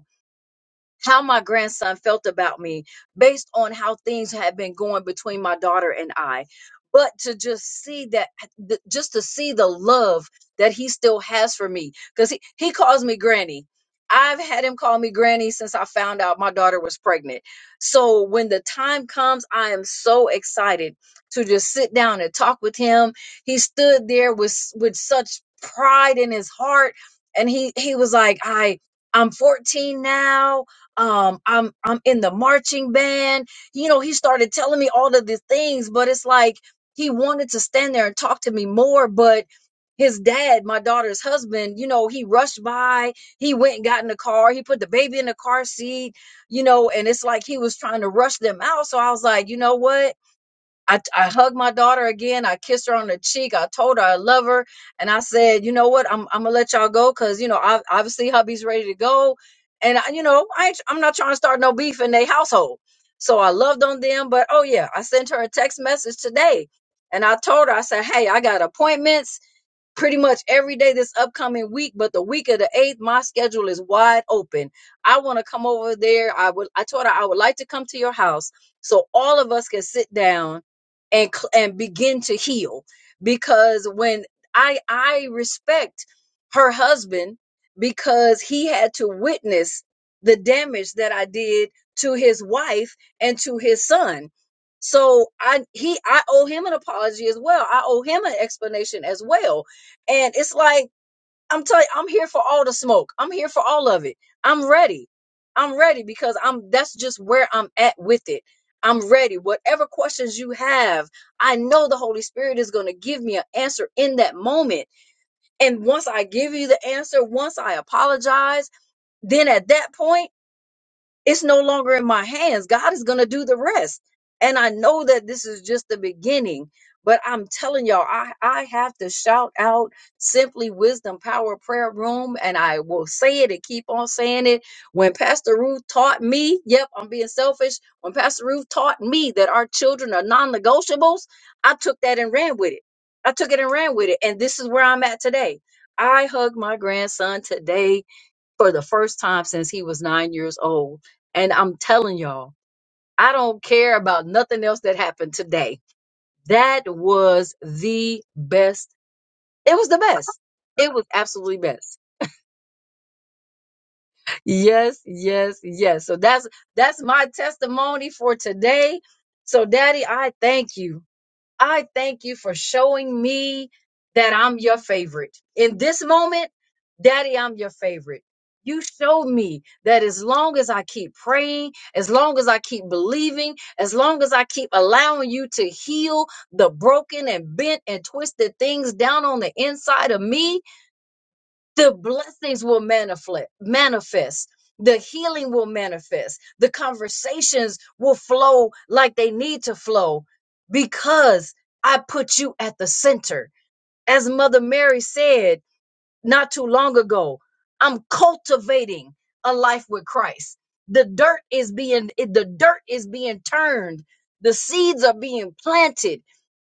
[SPEAKER 1] how my grandson felt about me based on how things had been going between my daughter and I. But to just see that, th- just to see the love that he still has for me, because he, he calls me granny. I've had him call me granny since I found out my daughter was pregnant. So when the time comes, I am so excited to just sit down and talk with him. He stood there with with such pride in his heart and he he was like, "I I'm 14 now um i'm i'm in the marching band you know he started telling me all of these things but it's like he wanted to stand there and talk to me more but his dad my daughter's husband you know he rushed by he went and got in the car he put the baby in the car seat you know and it's like he was trying to rush them out so i was like you know what I, I hugged my daughter again. I kissed her on the cheek. I told her I love her. And I said, you know what? I'm, I'm going to let y'all go because, you know, I, obviously hubby's ready to go. And, I, you know, I ain't, I'm not trying to start no beef in their household. So I loved on them. But, oh, yeah, I sent her a text message today. And I told her, I said, hey, I got appointments pretty much every day this upcoming week, but the week of the eighth, my schedule is wide open. I want to come over there. I would. I told her I would like to come to your house so all of us can sit down and cl- and begin to heal. Because when I I respect her husband because he had to witness the damage that I did to his wife and to his son. So I he I owe him an apology as well. I owe him an explanation as well and it's like, I'm telling you, I'm here for all the smoke. I'm here for all of it. I'm ready. I'm ready because I'm that's just where I'm at with it. I'm ready. Whatever questions you have, I know the Holy Spirit is going to give me an answer in that moment. And once I give you the answer, once I apologize, then at that point it's no longer in my hands. God is going to do the rest. And I know that this is just the beginning, but I'm telling y'all, I, I have to shout out simply wisdom, power, prayer room. And I will say it and keep on saying it. When Pastor Ruth taught me, yep, I'm being selfish. When Pastor Ruth taught me that our children are non negotiables, I took that and ran with it. I took it and ran with it. And this is where I'm at today. I hugged my grandson today for the first time since he was nine years old. And I'm telling y'all, I don't care about nothing else that happened today. That was the best. It was the best. It was absolutely best. Yes, yes, yes. So that's that's my testimony for today. So daddy, I thank you. I thank you for showing me that I'm your favorite. In this moment, Daddy, I'm your favorite. You showed me that as long as I keep praying, as long as I keep believing, as long as I keep allowing you to heal the broken and bent and twisted things down on the inside of me, the blessings will manifest manifest the healing will manifest the conversations will flow like they need to flow because i put you at the center as mother mary said not too long ago i'm cultivating a life with christ the dirt is being the dirt is being turned the seeds are being planted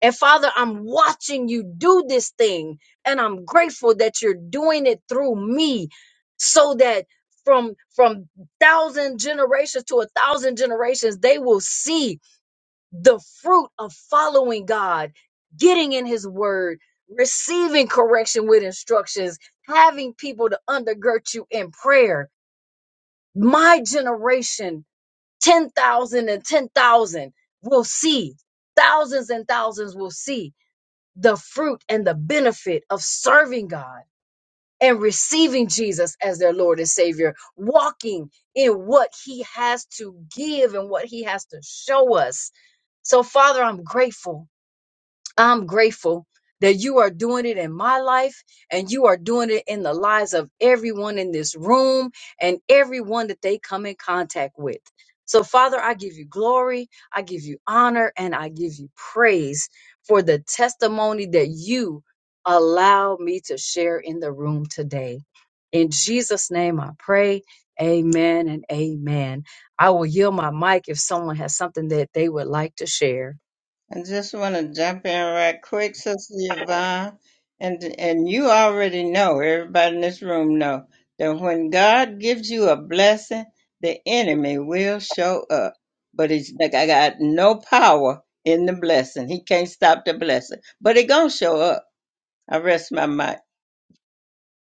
[SPEAKER 1] and Father, I'm watching you do this thing, and I'm grateful that you're doing it through me so that from from thousand generations to a thousand generations they will see the fruit of following God, getting in his word, receiving correction with instructions, having people to undergird you in prayer. My generation, 10,000 and 10,000, will see. Thousands and thousands will see the fruit and the benefit of serving God and receiving Jesus as their Lord and Savior, walking in what He has to give and what He has to show us. So, Father, I'm grateful. I'm grateful that you are doing it in my life and you are doing it in the lives of everyone in this room and everyone that they come in contact with. So, Father, I give you glory, I give you honor, and I give you praise for the testimony that you allow me to share in the room today. In Jesus' name I pray. Amen and amen. I will yield my mic if someone has something that they would like to share.
[SPEAKER 3] I just want to jump in right quick, Sister Yvonne, and and you already know, everybody in this room know that when God gives you a blessing, the enemy will show up, but it's like I got no power in the blessing. He can't stop the blessing, but it gonna show up. I rest my mic.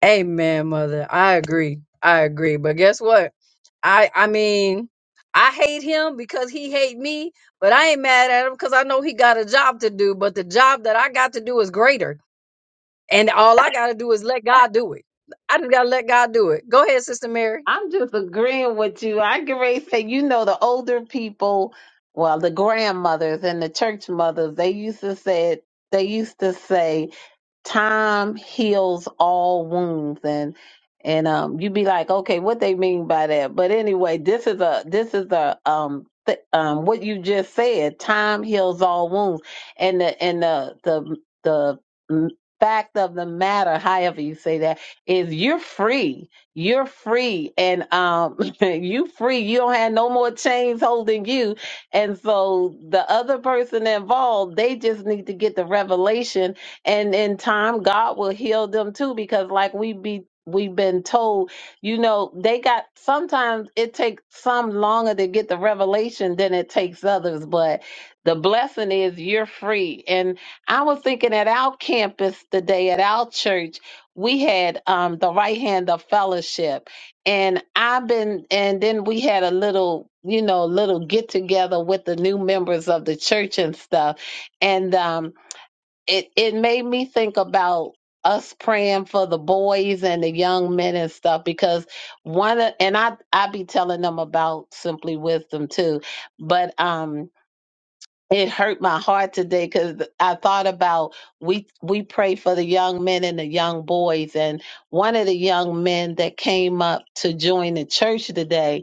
[SPEAKER 1] Amen, mother. I agree. I agree. But guess what? I I mean, I hate him because he hate me, but I ain't mad at him because I know he got a job to do. But the job that I got to do is greater. And all I gotta do is let God do it. I just gotta let God do it. Go ahead, Sister Mary.
[SPEAKER 2] I'm just agreeing with you. I can really say, you know, the older people, well, the grandmothers and the church mothers, they used to say, they used to say, time heals all wounds and and um you'd be like okay what they mean by that but anyway this is a this is a um th- um what you just said time heals all wounds and the and the the the m- fact of the matter however you say that is you're free you're free and um you free you don't have no more chains holding you and so the other person involved they just need to get the revelation and in time god will heal them too because like we be we've been told you know they got sometimes it takes some longer to get the revelation than it takes others but the blessing is you're free and i was thinking at our campus today at our church we had um the right hand of fellowship and i've been and then we had a little you know little get together with the new members of the church and stuff and um it it made me think about us praying for the boys and the young men and stuff because one of- and I I be telling them about simply wisdom too, but um it hurt my heart today because I thought about we we pray for the young men and the young boys and one of the young men that came up to join the church today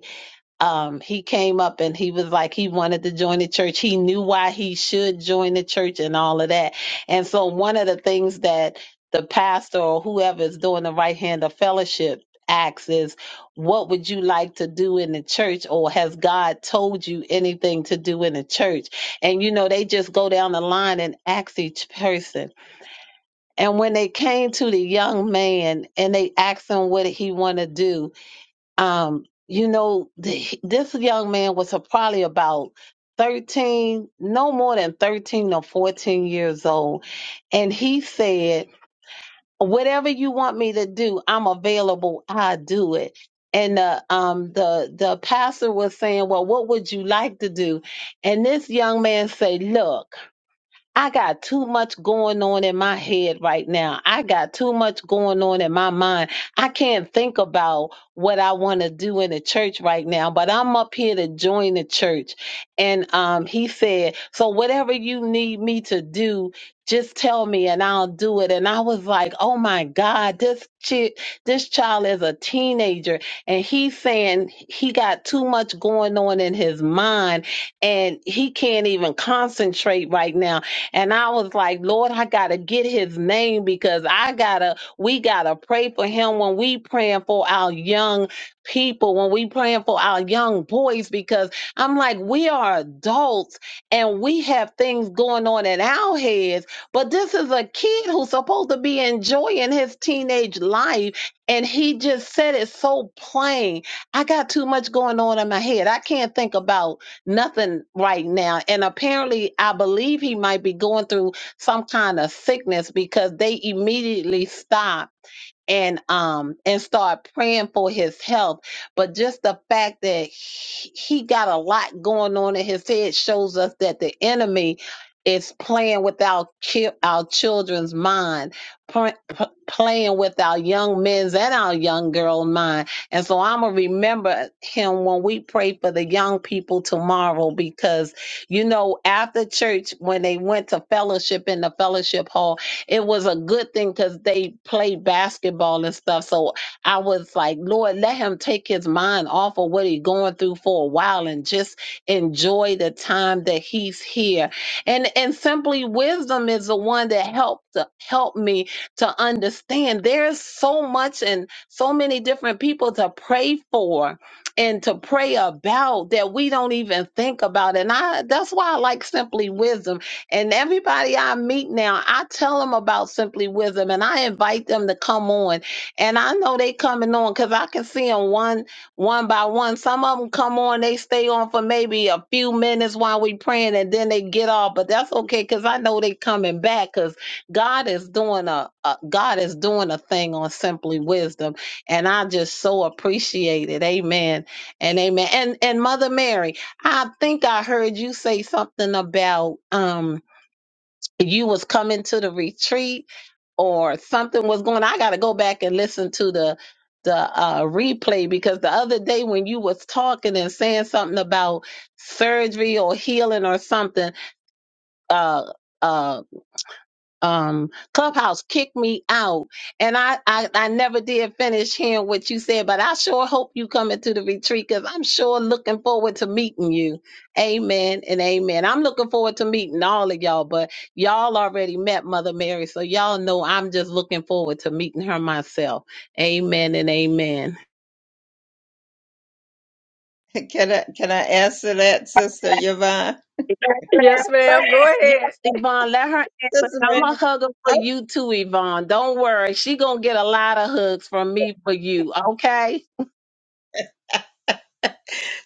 [SPEAKER 2] um, he came up and he was like he wanted to join the church. He knew why he should join the church and all of that. And so one of the things that the pastor or whoever is doing the right hand of fellowship asks is, what would you like to do in the church, or has God told you anything to do in the church? And you know they just go down the line and ask each person. And when they came to the young man and they asked him what he want to do, um, you know, th- this young man was a- probably about 13, no more than 13 or 14 years old. And he said, whatever you want me to do, I'm available. I do it. And the, um, the, the pastor was saying, well, what would you like to do? And this young man said, look, I got too much going on in my head right now. I got too much going on in my mind. I can't think about what I want to do in the church right now, but I'm up here to join the church. And um, he said, So whatever you need me to do, just tell me and I'll do it. And I was like, Oh my God, this chick, this child is a teenager. And he's saying he got too much going on in his mind and he can't even concentrate right now and I was like, Lord, I gotta get his name because I gotta, we gotta pray for him when we praying for our young people, when we praying for our young boys, because I'm like, we are adults and we have things going on in our heads, but this is a kid who's supposed to be enjoying his teenage life. And he just said it so plain. I got too much going on in my head. I can't think about nothing right now. And apparently, I believe he might be going through some kind of sickness because they immediately stopped and um and start praying for his health but just the fact that he, he got a lot going on in his head shows us that the enemy is playing with our ki- our children's mind pr- p- playing with our young men's and our young girl mind and so i'm gonna remember him when we pray for the young people tomorrow because you know after church when they went to fellowship in the fellowship hall it was a good thing because they played basketball and stuff. So I was like, Lord, let him take his mind off of what he's going through for a while and just enjoy the time that he's here. And and simply wisdom is the one that helped to help me to understand there's so much and so many different people to pray for and to pray about that we don't even think about. And I that's why I like simply wisdom and everybody I meet now, I tell them about Simply Wisdom and I invite them to come on. And I know they coming on because I can see them one one by one. Some of them come on, they stay on for maybe a few minutes while we praying and then they get off. But that's okay because I know they coming back because God is doing a, a God is doing a thing on Simply Wisdom. And I just so appreciate it. Amen. And amen. And and Mother Mary, I think I heard you say something about um if you was coming to the retreat or something was going I got to go back and listen to the the uh, replay because the other day when you was talking and saying something about surgery or healing or something, uh, uh, um clubhouse kicked me out and I, I i never did finish hearing what you said but i sure hope you come into the retreat because i'm sure looking forward to meeting you amen and amen i'm looking forward to meeting all of y'all but y'all already met mother mary so y'all know i'm just looking forward to meeting her myself amen and amen
[SPEAKER 3] Can I can I answer that, Sister Yvonne?
[SPEAKER 1] Yes, ma'am. Go ahead.
[SPEAKER 2] Yes, Yvonne, let her answer.
[SPEAKER 3] Sister
[SPEAKER 2] I'm
[SPEAKER 3] Mary,
[SPEAKER 2] a hugger for you too, Yvonne. Don't worry. She gonna get a lot of hugs from me for you, okay?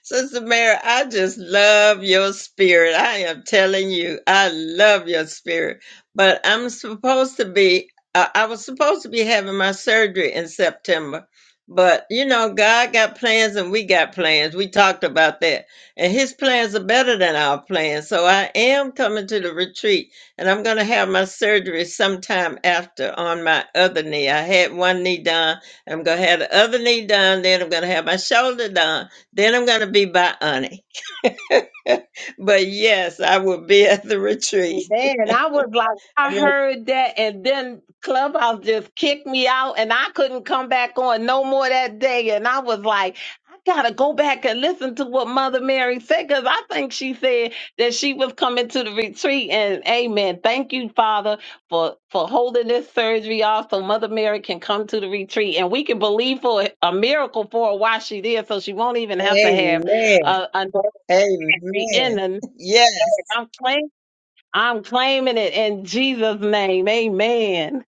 [SPEAKER 3] Sister Mary, I just love your spirit. I am telling you, I love your spirit. But I'm supposed to be, uh, I was supposed to be having my surgery in September. But, you know, God got plans and we got plans. We talked about that. And his plans are better than our plans. So I am coming to the retreat and I'm going to have my surgery sometime after on my other knee. I had one knee done. I'm going to have the other knee done. Then I'm going to have my shoulder done then I'm going to be by Ani. But yes, I will be at the retreat.
[SPEAKER 2] Man, I was like, I
[SPEAKER 3] Amen.
[SPEAKER 2] heard that, and then Clubhouse just kicked me out, and I couldn't come back on no more that day. And I was like, I gotta go back and listen to what Mother Mary said, because I think she said that she was coming to the retreat. And Amen. Thank you, Father, for for holding this surgery off, so Mother Mary can come to the retreat, and we can believe for a miracle for her while she there, so she won't even have to have uh, another surgery in.
[SPEAKER 3] Amen.
[SPEAKER 2] And
[SPEAKER 3] Yes.
[SPEAKER 2] I'm I'm claiming it in Jesus' name. Amen.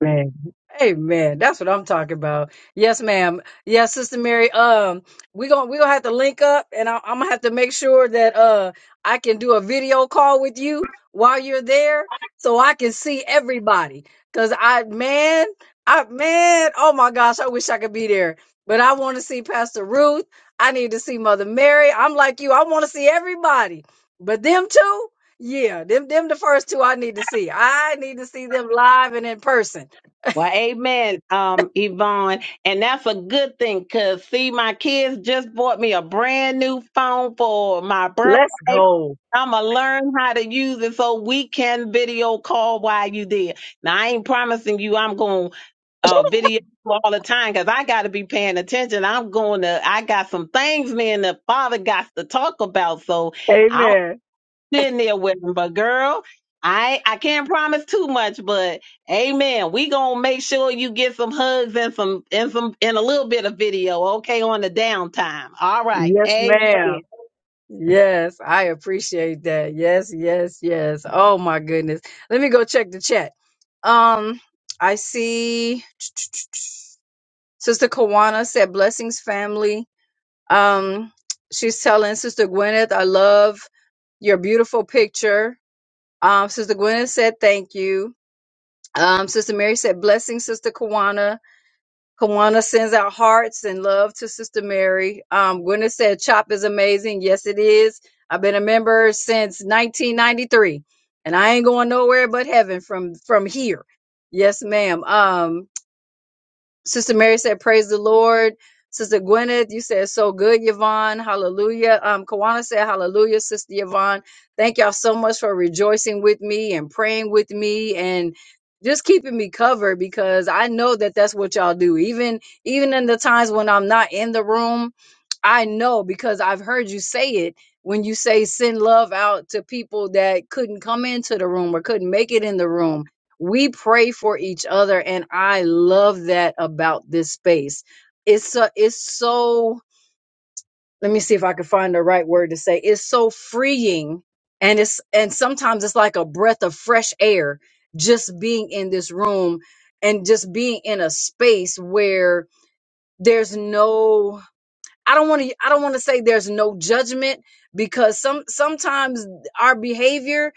[SPEAKER 1] Man. Amen. That's what I'm talking about. Yes, ma'am. Yes, Sister Mary. Um, we're gonna we're gonna have to link up and I, I'm gonna have to make sure that uh I can do a video call with you while you're there so I can see everybody. Cause I man, I man, oh my gosh, I wish I could be there. But I want to see Pastor Ruth. I need to see Mother Mary. I'm like you, I want to see everybody. But them two, yeah, them them the first two I need to see. I need to see them live and in person.
[SPEAKER 2] Well, amen, um, Yvonne. And that's a good thing because, see, my kids just bought me a brand new phone for my
[SPEAKER 1] Let's
[SPEAKER 2] birthday.
[SPEAKER 1] go.
[SPEAKER 2] I'm going to learn how to use it so we can video call while you there. Now, I ain't promising you I'm going to uh, video you all the time because I got to be paying attention. I'm going to, I got some things me and the father got to talk about. So,
[SPEAKER 1] Amen.
[SPEAKER 2] sitting there with him. But girl, I I can't promise too much, but amen. We gonna make sure you get some hugs and some and some and a little bit of video, okay, on the downtime. All right.
[SPEAKER 1] Yes,
[SPEAKER 2] Amen.
[SPEAKER 1] ma'am. Yes, I appreciate that. Yes, yes, yes. Oh my goodness. Let me go check the chat. Um, I see Sister Kawana said blessings family. Um, she's telling Sister Gwyneth, I love your beautiful picture. Um, Sister Gwyneth said thank you. Um, Sister Mary said blessings, Sister Kawana. Kawana sends out hearts and love to Sister Mary. Um, Gwyneth said, Chop is amazing. Yes, it is. I've been a member since 1993, and I ain't going nowhere but heaven from from here. Yes, ma'am. Um, Sister Mary said, Praise the Lord. Sister Gwyneth, you said so good, Yvonne. Hallelujah. Um, Kawana said, Hallelujah, Sister Yvonne. Thank y'all so much for rejoicing with me and praying with me and just keeping me covered because I know that that's what y'all do. Even even in the times when I'm not in the room, I know because I've heard you say it when you say send love out to people that couldn't come into the room or couldn't make it in the room we pray for each other and i love that about this space it's so it's so let me see if i can find the right word to say it's so freeing and it's and sometimes it's like a breath of fresh air just being in this room and just being in a space where there's no I don't want to I don't want to say there's no judgment because some sometimes our behavior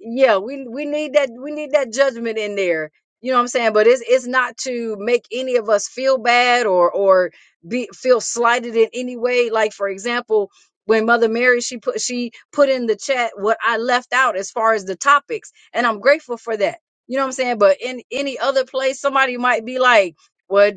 [SPEAKER 1] yeah we we need that we need that judgment in there you know what I'm saying but it's it's not to make any of us feel bad or or be feel slighted in any way like for example when mother Mary she put she put in the chat what I left out as far as the topics and I'm grateful for that you know what I'm saying but in any other place somebody might be like what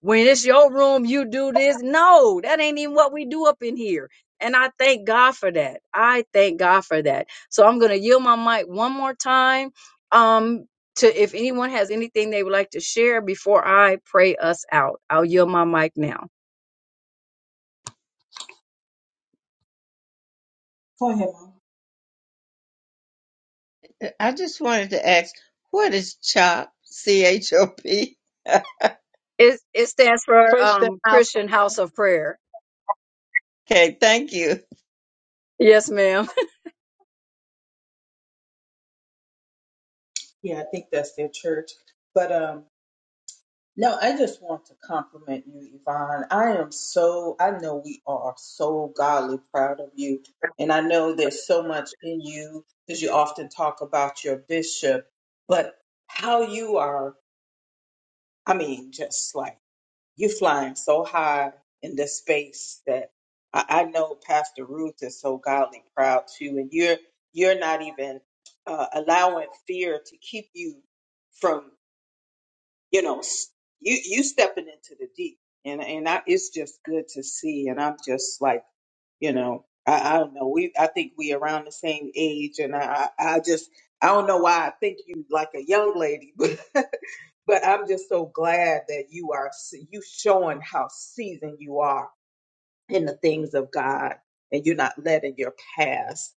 [SPEAKER 1] when it's your room, you do this. No, that ain't even what we do up in here. And I thank God for that. I thank God for that. So I'm going to yield my mic one more time um, to if anyone has anything they would like to share before I pray us out. I'll yield my mic now.
[SPEAKER 4] Go ahead. Mom.
[SPEAKER 3] I just wanted to ask, what is CHOP? C H O P.
[SPEAKER 1] It, it stands for
[SPEAKER 2] Push them
[SPEAKER 1] um,
[SPEAKER 2] out.
[SPEAKER 1] Christian House of Prayer.
[SPEAKER 3] Okay, thank you.
[SPEAKER 1] Yes, ma'am.
[SPEAKER 4] Yeah, I think that's their church. But um, no, I just want to compliment you, Yvonne. I am so, I know we are so godly proud of you. And I know there's so much in you because you often talk about your bishop, but how you are, I mean, just like you're flying so high in the space that I, I know Pastor Ruth is so godly proud too. And you're, you're not even uh, allowing fear to keep you from you know s- you you stepping into the deep and and I, it's just good to see and i'm just like you know i, I don't know we i think we around the same age and i i I just i don't know why i think you like a young lady but but i'm just so glad that you are s- you showing how seasoned you are in the things of God and you're not letting your past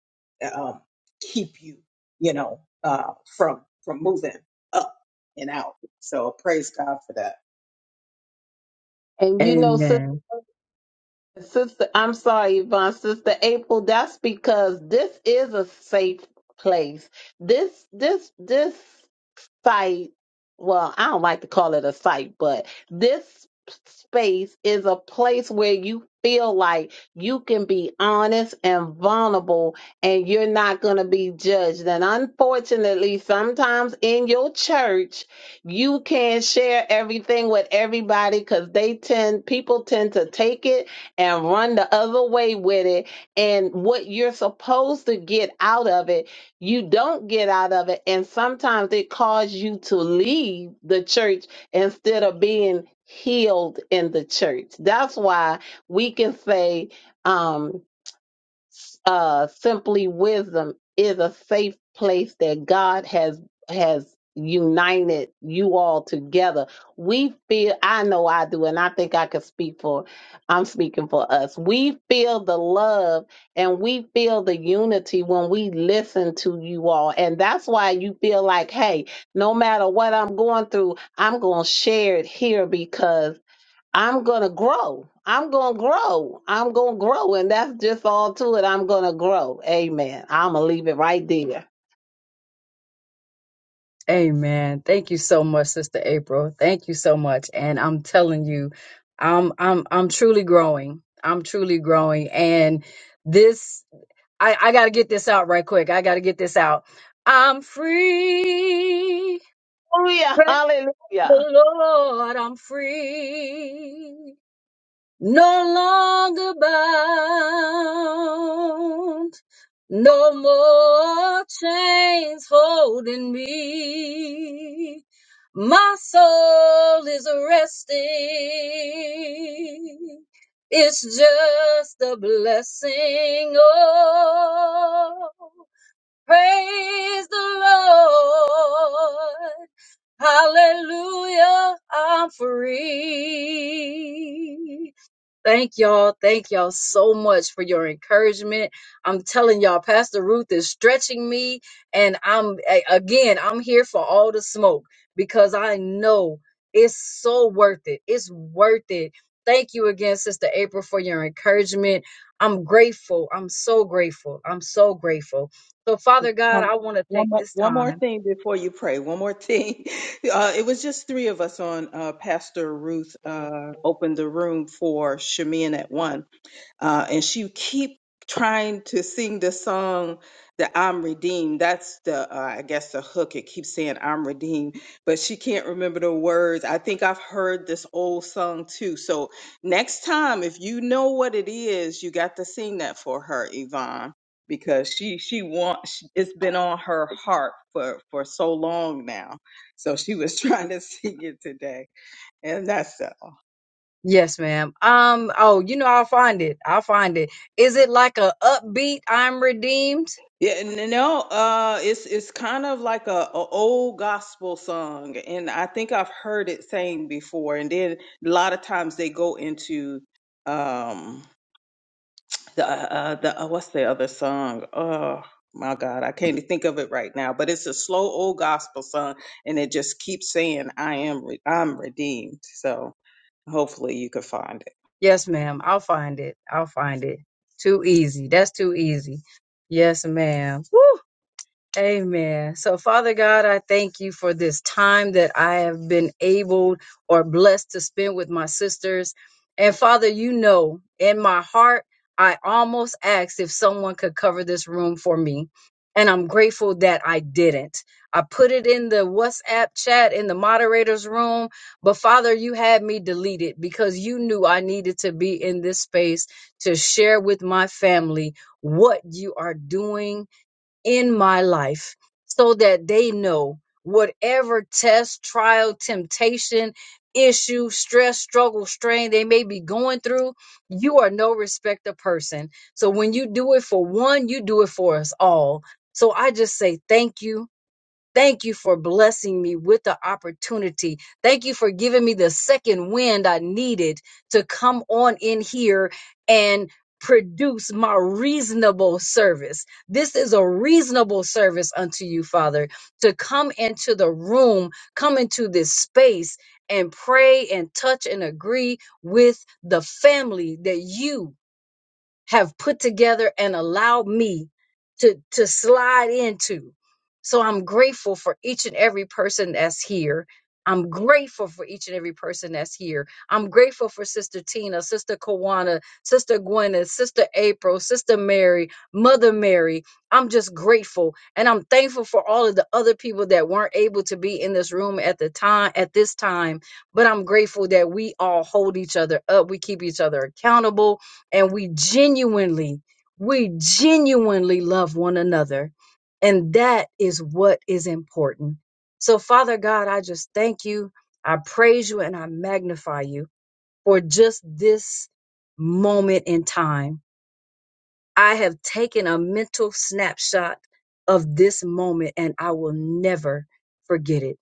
[SPEAKER 4] um, keep you, you know, uh, from from moving up and out. So praise God for that.
[SPEAKER 2] And you know, sister
[SPEAKER 1] Amen.
[SPEAKER 2] sister, I'm sorry, Yvonne, sister April, that's because this is a safe place. This this this fight. Well, I don't like to call it a fight, but this space is a place where you feel like you can be honest and vulnerable and you're not going to be judged. And unfortunately, sometimes in your church, you can't share everything with everybody because they tend, people tend to take it and run the other way with it. And what you're supposed to get out of it you don't get out of it and sometimes it caused you to leave the church instead of being healed in the church that's why we can say um uh, simply wisdom is a safe place that God has has united you all together. We feel I know I do and I think I could speak for I'm speaking for us. We feel the love and we feel the unity when we listen to you all. And that's why you feel like, hey, no matter what I'm going through, I'm going to share it here because I'm gonna grow. I'm gonna grow. I'm gonna grow. And that's just all to it. I'm gonna grow. Amen. I'm gonna leave it right there.
[SPEAKER 1] Amen. Thank you so much, Sister April. Thank you so much. And I'm telling you, I'm I'm I'm truly growing. I'm truly growing. And this I, I gotta get this out right quick. I gotta get this out. I'm free.
[SPEAKER 2] Hallelujah.
[SPEAKER 1] Praise the
[SPEAKER 2] Hallelujah.
[SPEAKER 1] Lord. I'm free no longer bound, no more chains holding me. My soul is resting. It's just a blessing. Oh, praise the Lord. Hallelujah. I'm free. Thank y'all. Thank y'all so much for your encouragement. I'm telling y'all, Pastor Ruth is stretching me. And I'm, a- again, I'm here for all the smoke because I know it's so worth it. It's worth it. Thank you again, Sister April, for your encouragement. I'm grateful. I'm so grateful. I'm so grateful. So, Father God,
[SPEAKER 4] Um,
[SPEAKER 1] I want to
[SPEAKER 4] one
[SPEAKER 1] take
[SPEAKER 4] more,
[SPEAKER 1] this
[SPEAKER 4] one more
[SPEAKER 1] time.
[SPEAKER 4] thing before you pray. One more thing. Uh, it was just three of us on. Uh, Pastor Ruth uh, opened the room for Shemin at one uh, and she keep trying to sing the song that I'm redeemed. That's the uh, I guess the hook. It keeps saying I'm redeemed, but she can't remember the words. I think I've heard this old song too. So next time, if you know what it is, you got to sing that for her, Yvonne, because she she wants. It's been on her heart for for so long now. So she was trying to sing it today, and that's
[SPEAKER 1] Yes, ma'am. Um, oh, you know, I'll find it. I'll find it. Is it like a upbeat I'm redeemed?
[SPEAKER 4] Yeah, n- no, uh, it's it's kind of like a, a old gospel song, and I think I've heard it sang before. And then a lot of times they go into um the uh, uh, the uh, what's the other song? Oh my God, I can't even think of it right now. But it's a slow old gospel song, and it just keeps saying, "I am re- I'm redeemed." So hopefully you could find it.
[SPEAKER 1] Yes, ma'am. I'll find it. I'll find it. Too easy. That's too easy. Yes, ma'am. Woo! Amen. So, Father God, I thank you for this time that I have been able or blessed to spend with my sisters. And, Father, you know, in my heart, I almost asked if someone could cover this room for me. And I'm grateful that I didn't. I put it in the WhatsApp chat in the moderator's room. But, Father, you had me delete it because you knew I needed to be in this space to share with my family what you are doing in my life so that they know whatever test, trial, temptation, issue, stress, struggle, strain they may be going through, you are no respecter person. So when you do it for one, you do it for us all. So I just say thank you Thank you for blessing me with the opportunity. Thank you for giving me the second wind I needed to come on in here and produce my reasonable service. This is a reasonable service unto you, Father, to come into the room, come into this space and pray and touch and agree with the family that you have put together and allowed me to to slide into. So I'm grateful for each and every person that's here. I'm grateful for each and every person that's here. I'm grateful for Sister Tina, Sister Kawana, Sister Gwyneth, Sister April, Sister Mary, Mother Mary. I'm just grateful and I'm thankful for all of the other people that weren't able to be in this room at the time at this time, but I'm grateful that we all hold each other up. We keep each other accountable and we genuinely, we genuinely love one another. And that is what is important. So, Father God, I just thank you. I praise you and I magnify you for just this moment in time. I have taken a mental snapshot of this moment and I will never forget it.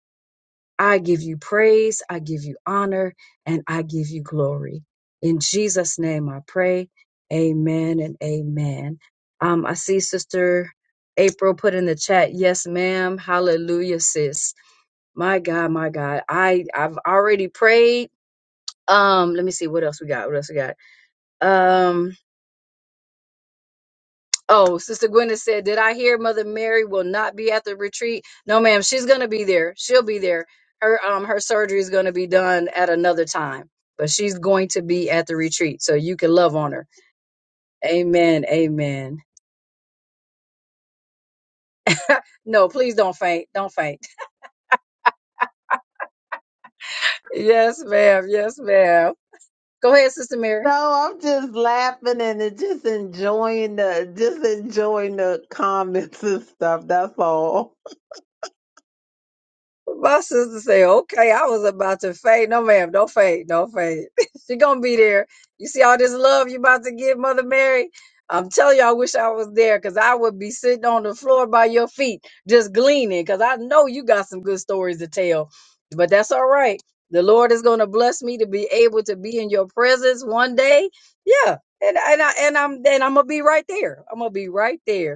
[SPEAKER 1] I give you praise, I give you honor, and I give you glory. In Jesus' name I pray. Amen and amen. Um, I see Sister April put in the chat, yes, ma'am. Hallelujah, sis. My God, my God. I, I've already prayed. Um, let me see what else we got. What else we got? Um, Oh, Sister Gwyneth said, Did I hear Mother Mary will not be at the retreat? No, ma'am, she's gonna be there. She'll be there. Her um her surgery is gonna be done at another time, but she's going to be at the retreat. So you can love on her. Amen. Amen. No, please don't faint. Don't faint. Yes, ma'am. Yes, ma'am. Go ahead, Sister Mary.
[SPEAKER 2] No, I'm just laughing and just enjoying the just enjoying the comments and stuff. That's all.
[SPEAKER 1] My sister said, okay, I was about to fade. No, ma'am, don't fade, don't fade. she gonna be there. You see all this love you about to give Mother Mary? I'm telling you, I wish I was there because I would be sitting on the floor by your feet just gleaning because I know you got some good stories to tell. But that's all right. The Lord is gonna bless me to be able to be in your presence one day. Yeah. And and I and I'm and I'm gonna be right there. I'm gonna be right there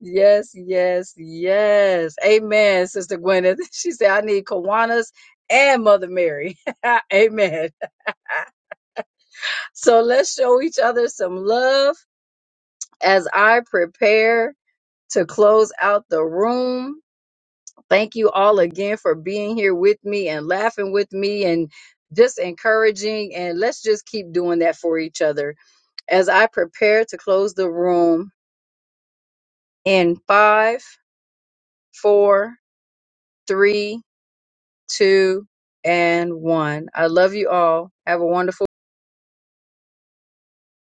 [SPEAKER 1] Yes, yes, yes. Amen, Sister Gwyneth. She said, I need Kiwanis and Mother Mary. Amen. So let's show each other some love as I prepare to close out the room. Thank you all again for being here with me and laughing with me and just encouraging. And let's just keep doing that for each other as I prepare to close the room in five, four, three, two, and one. I love you all. Have a wonderful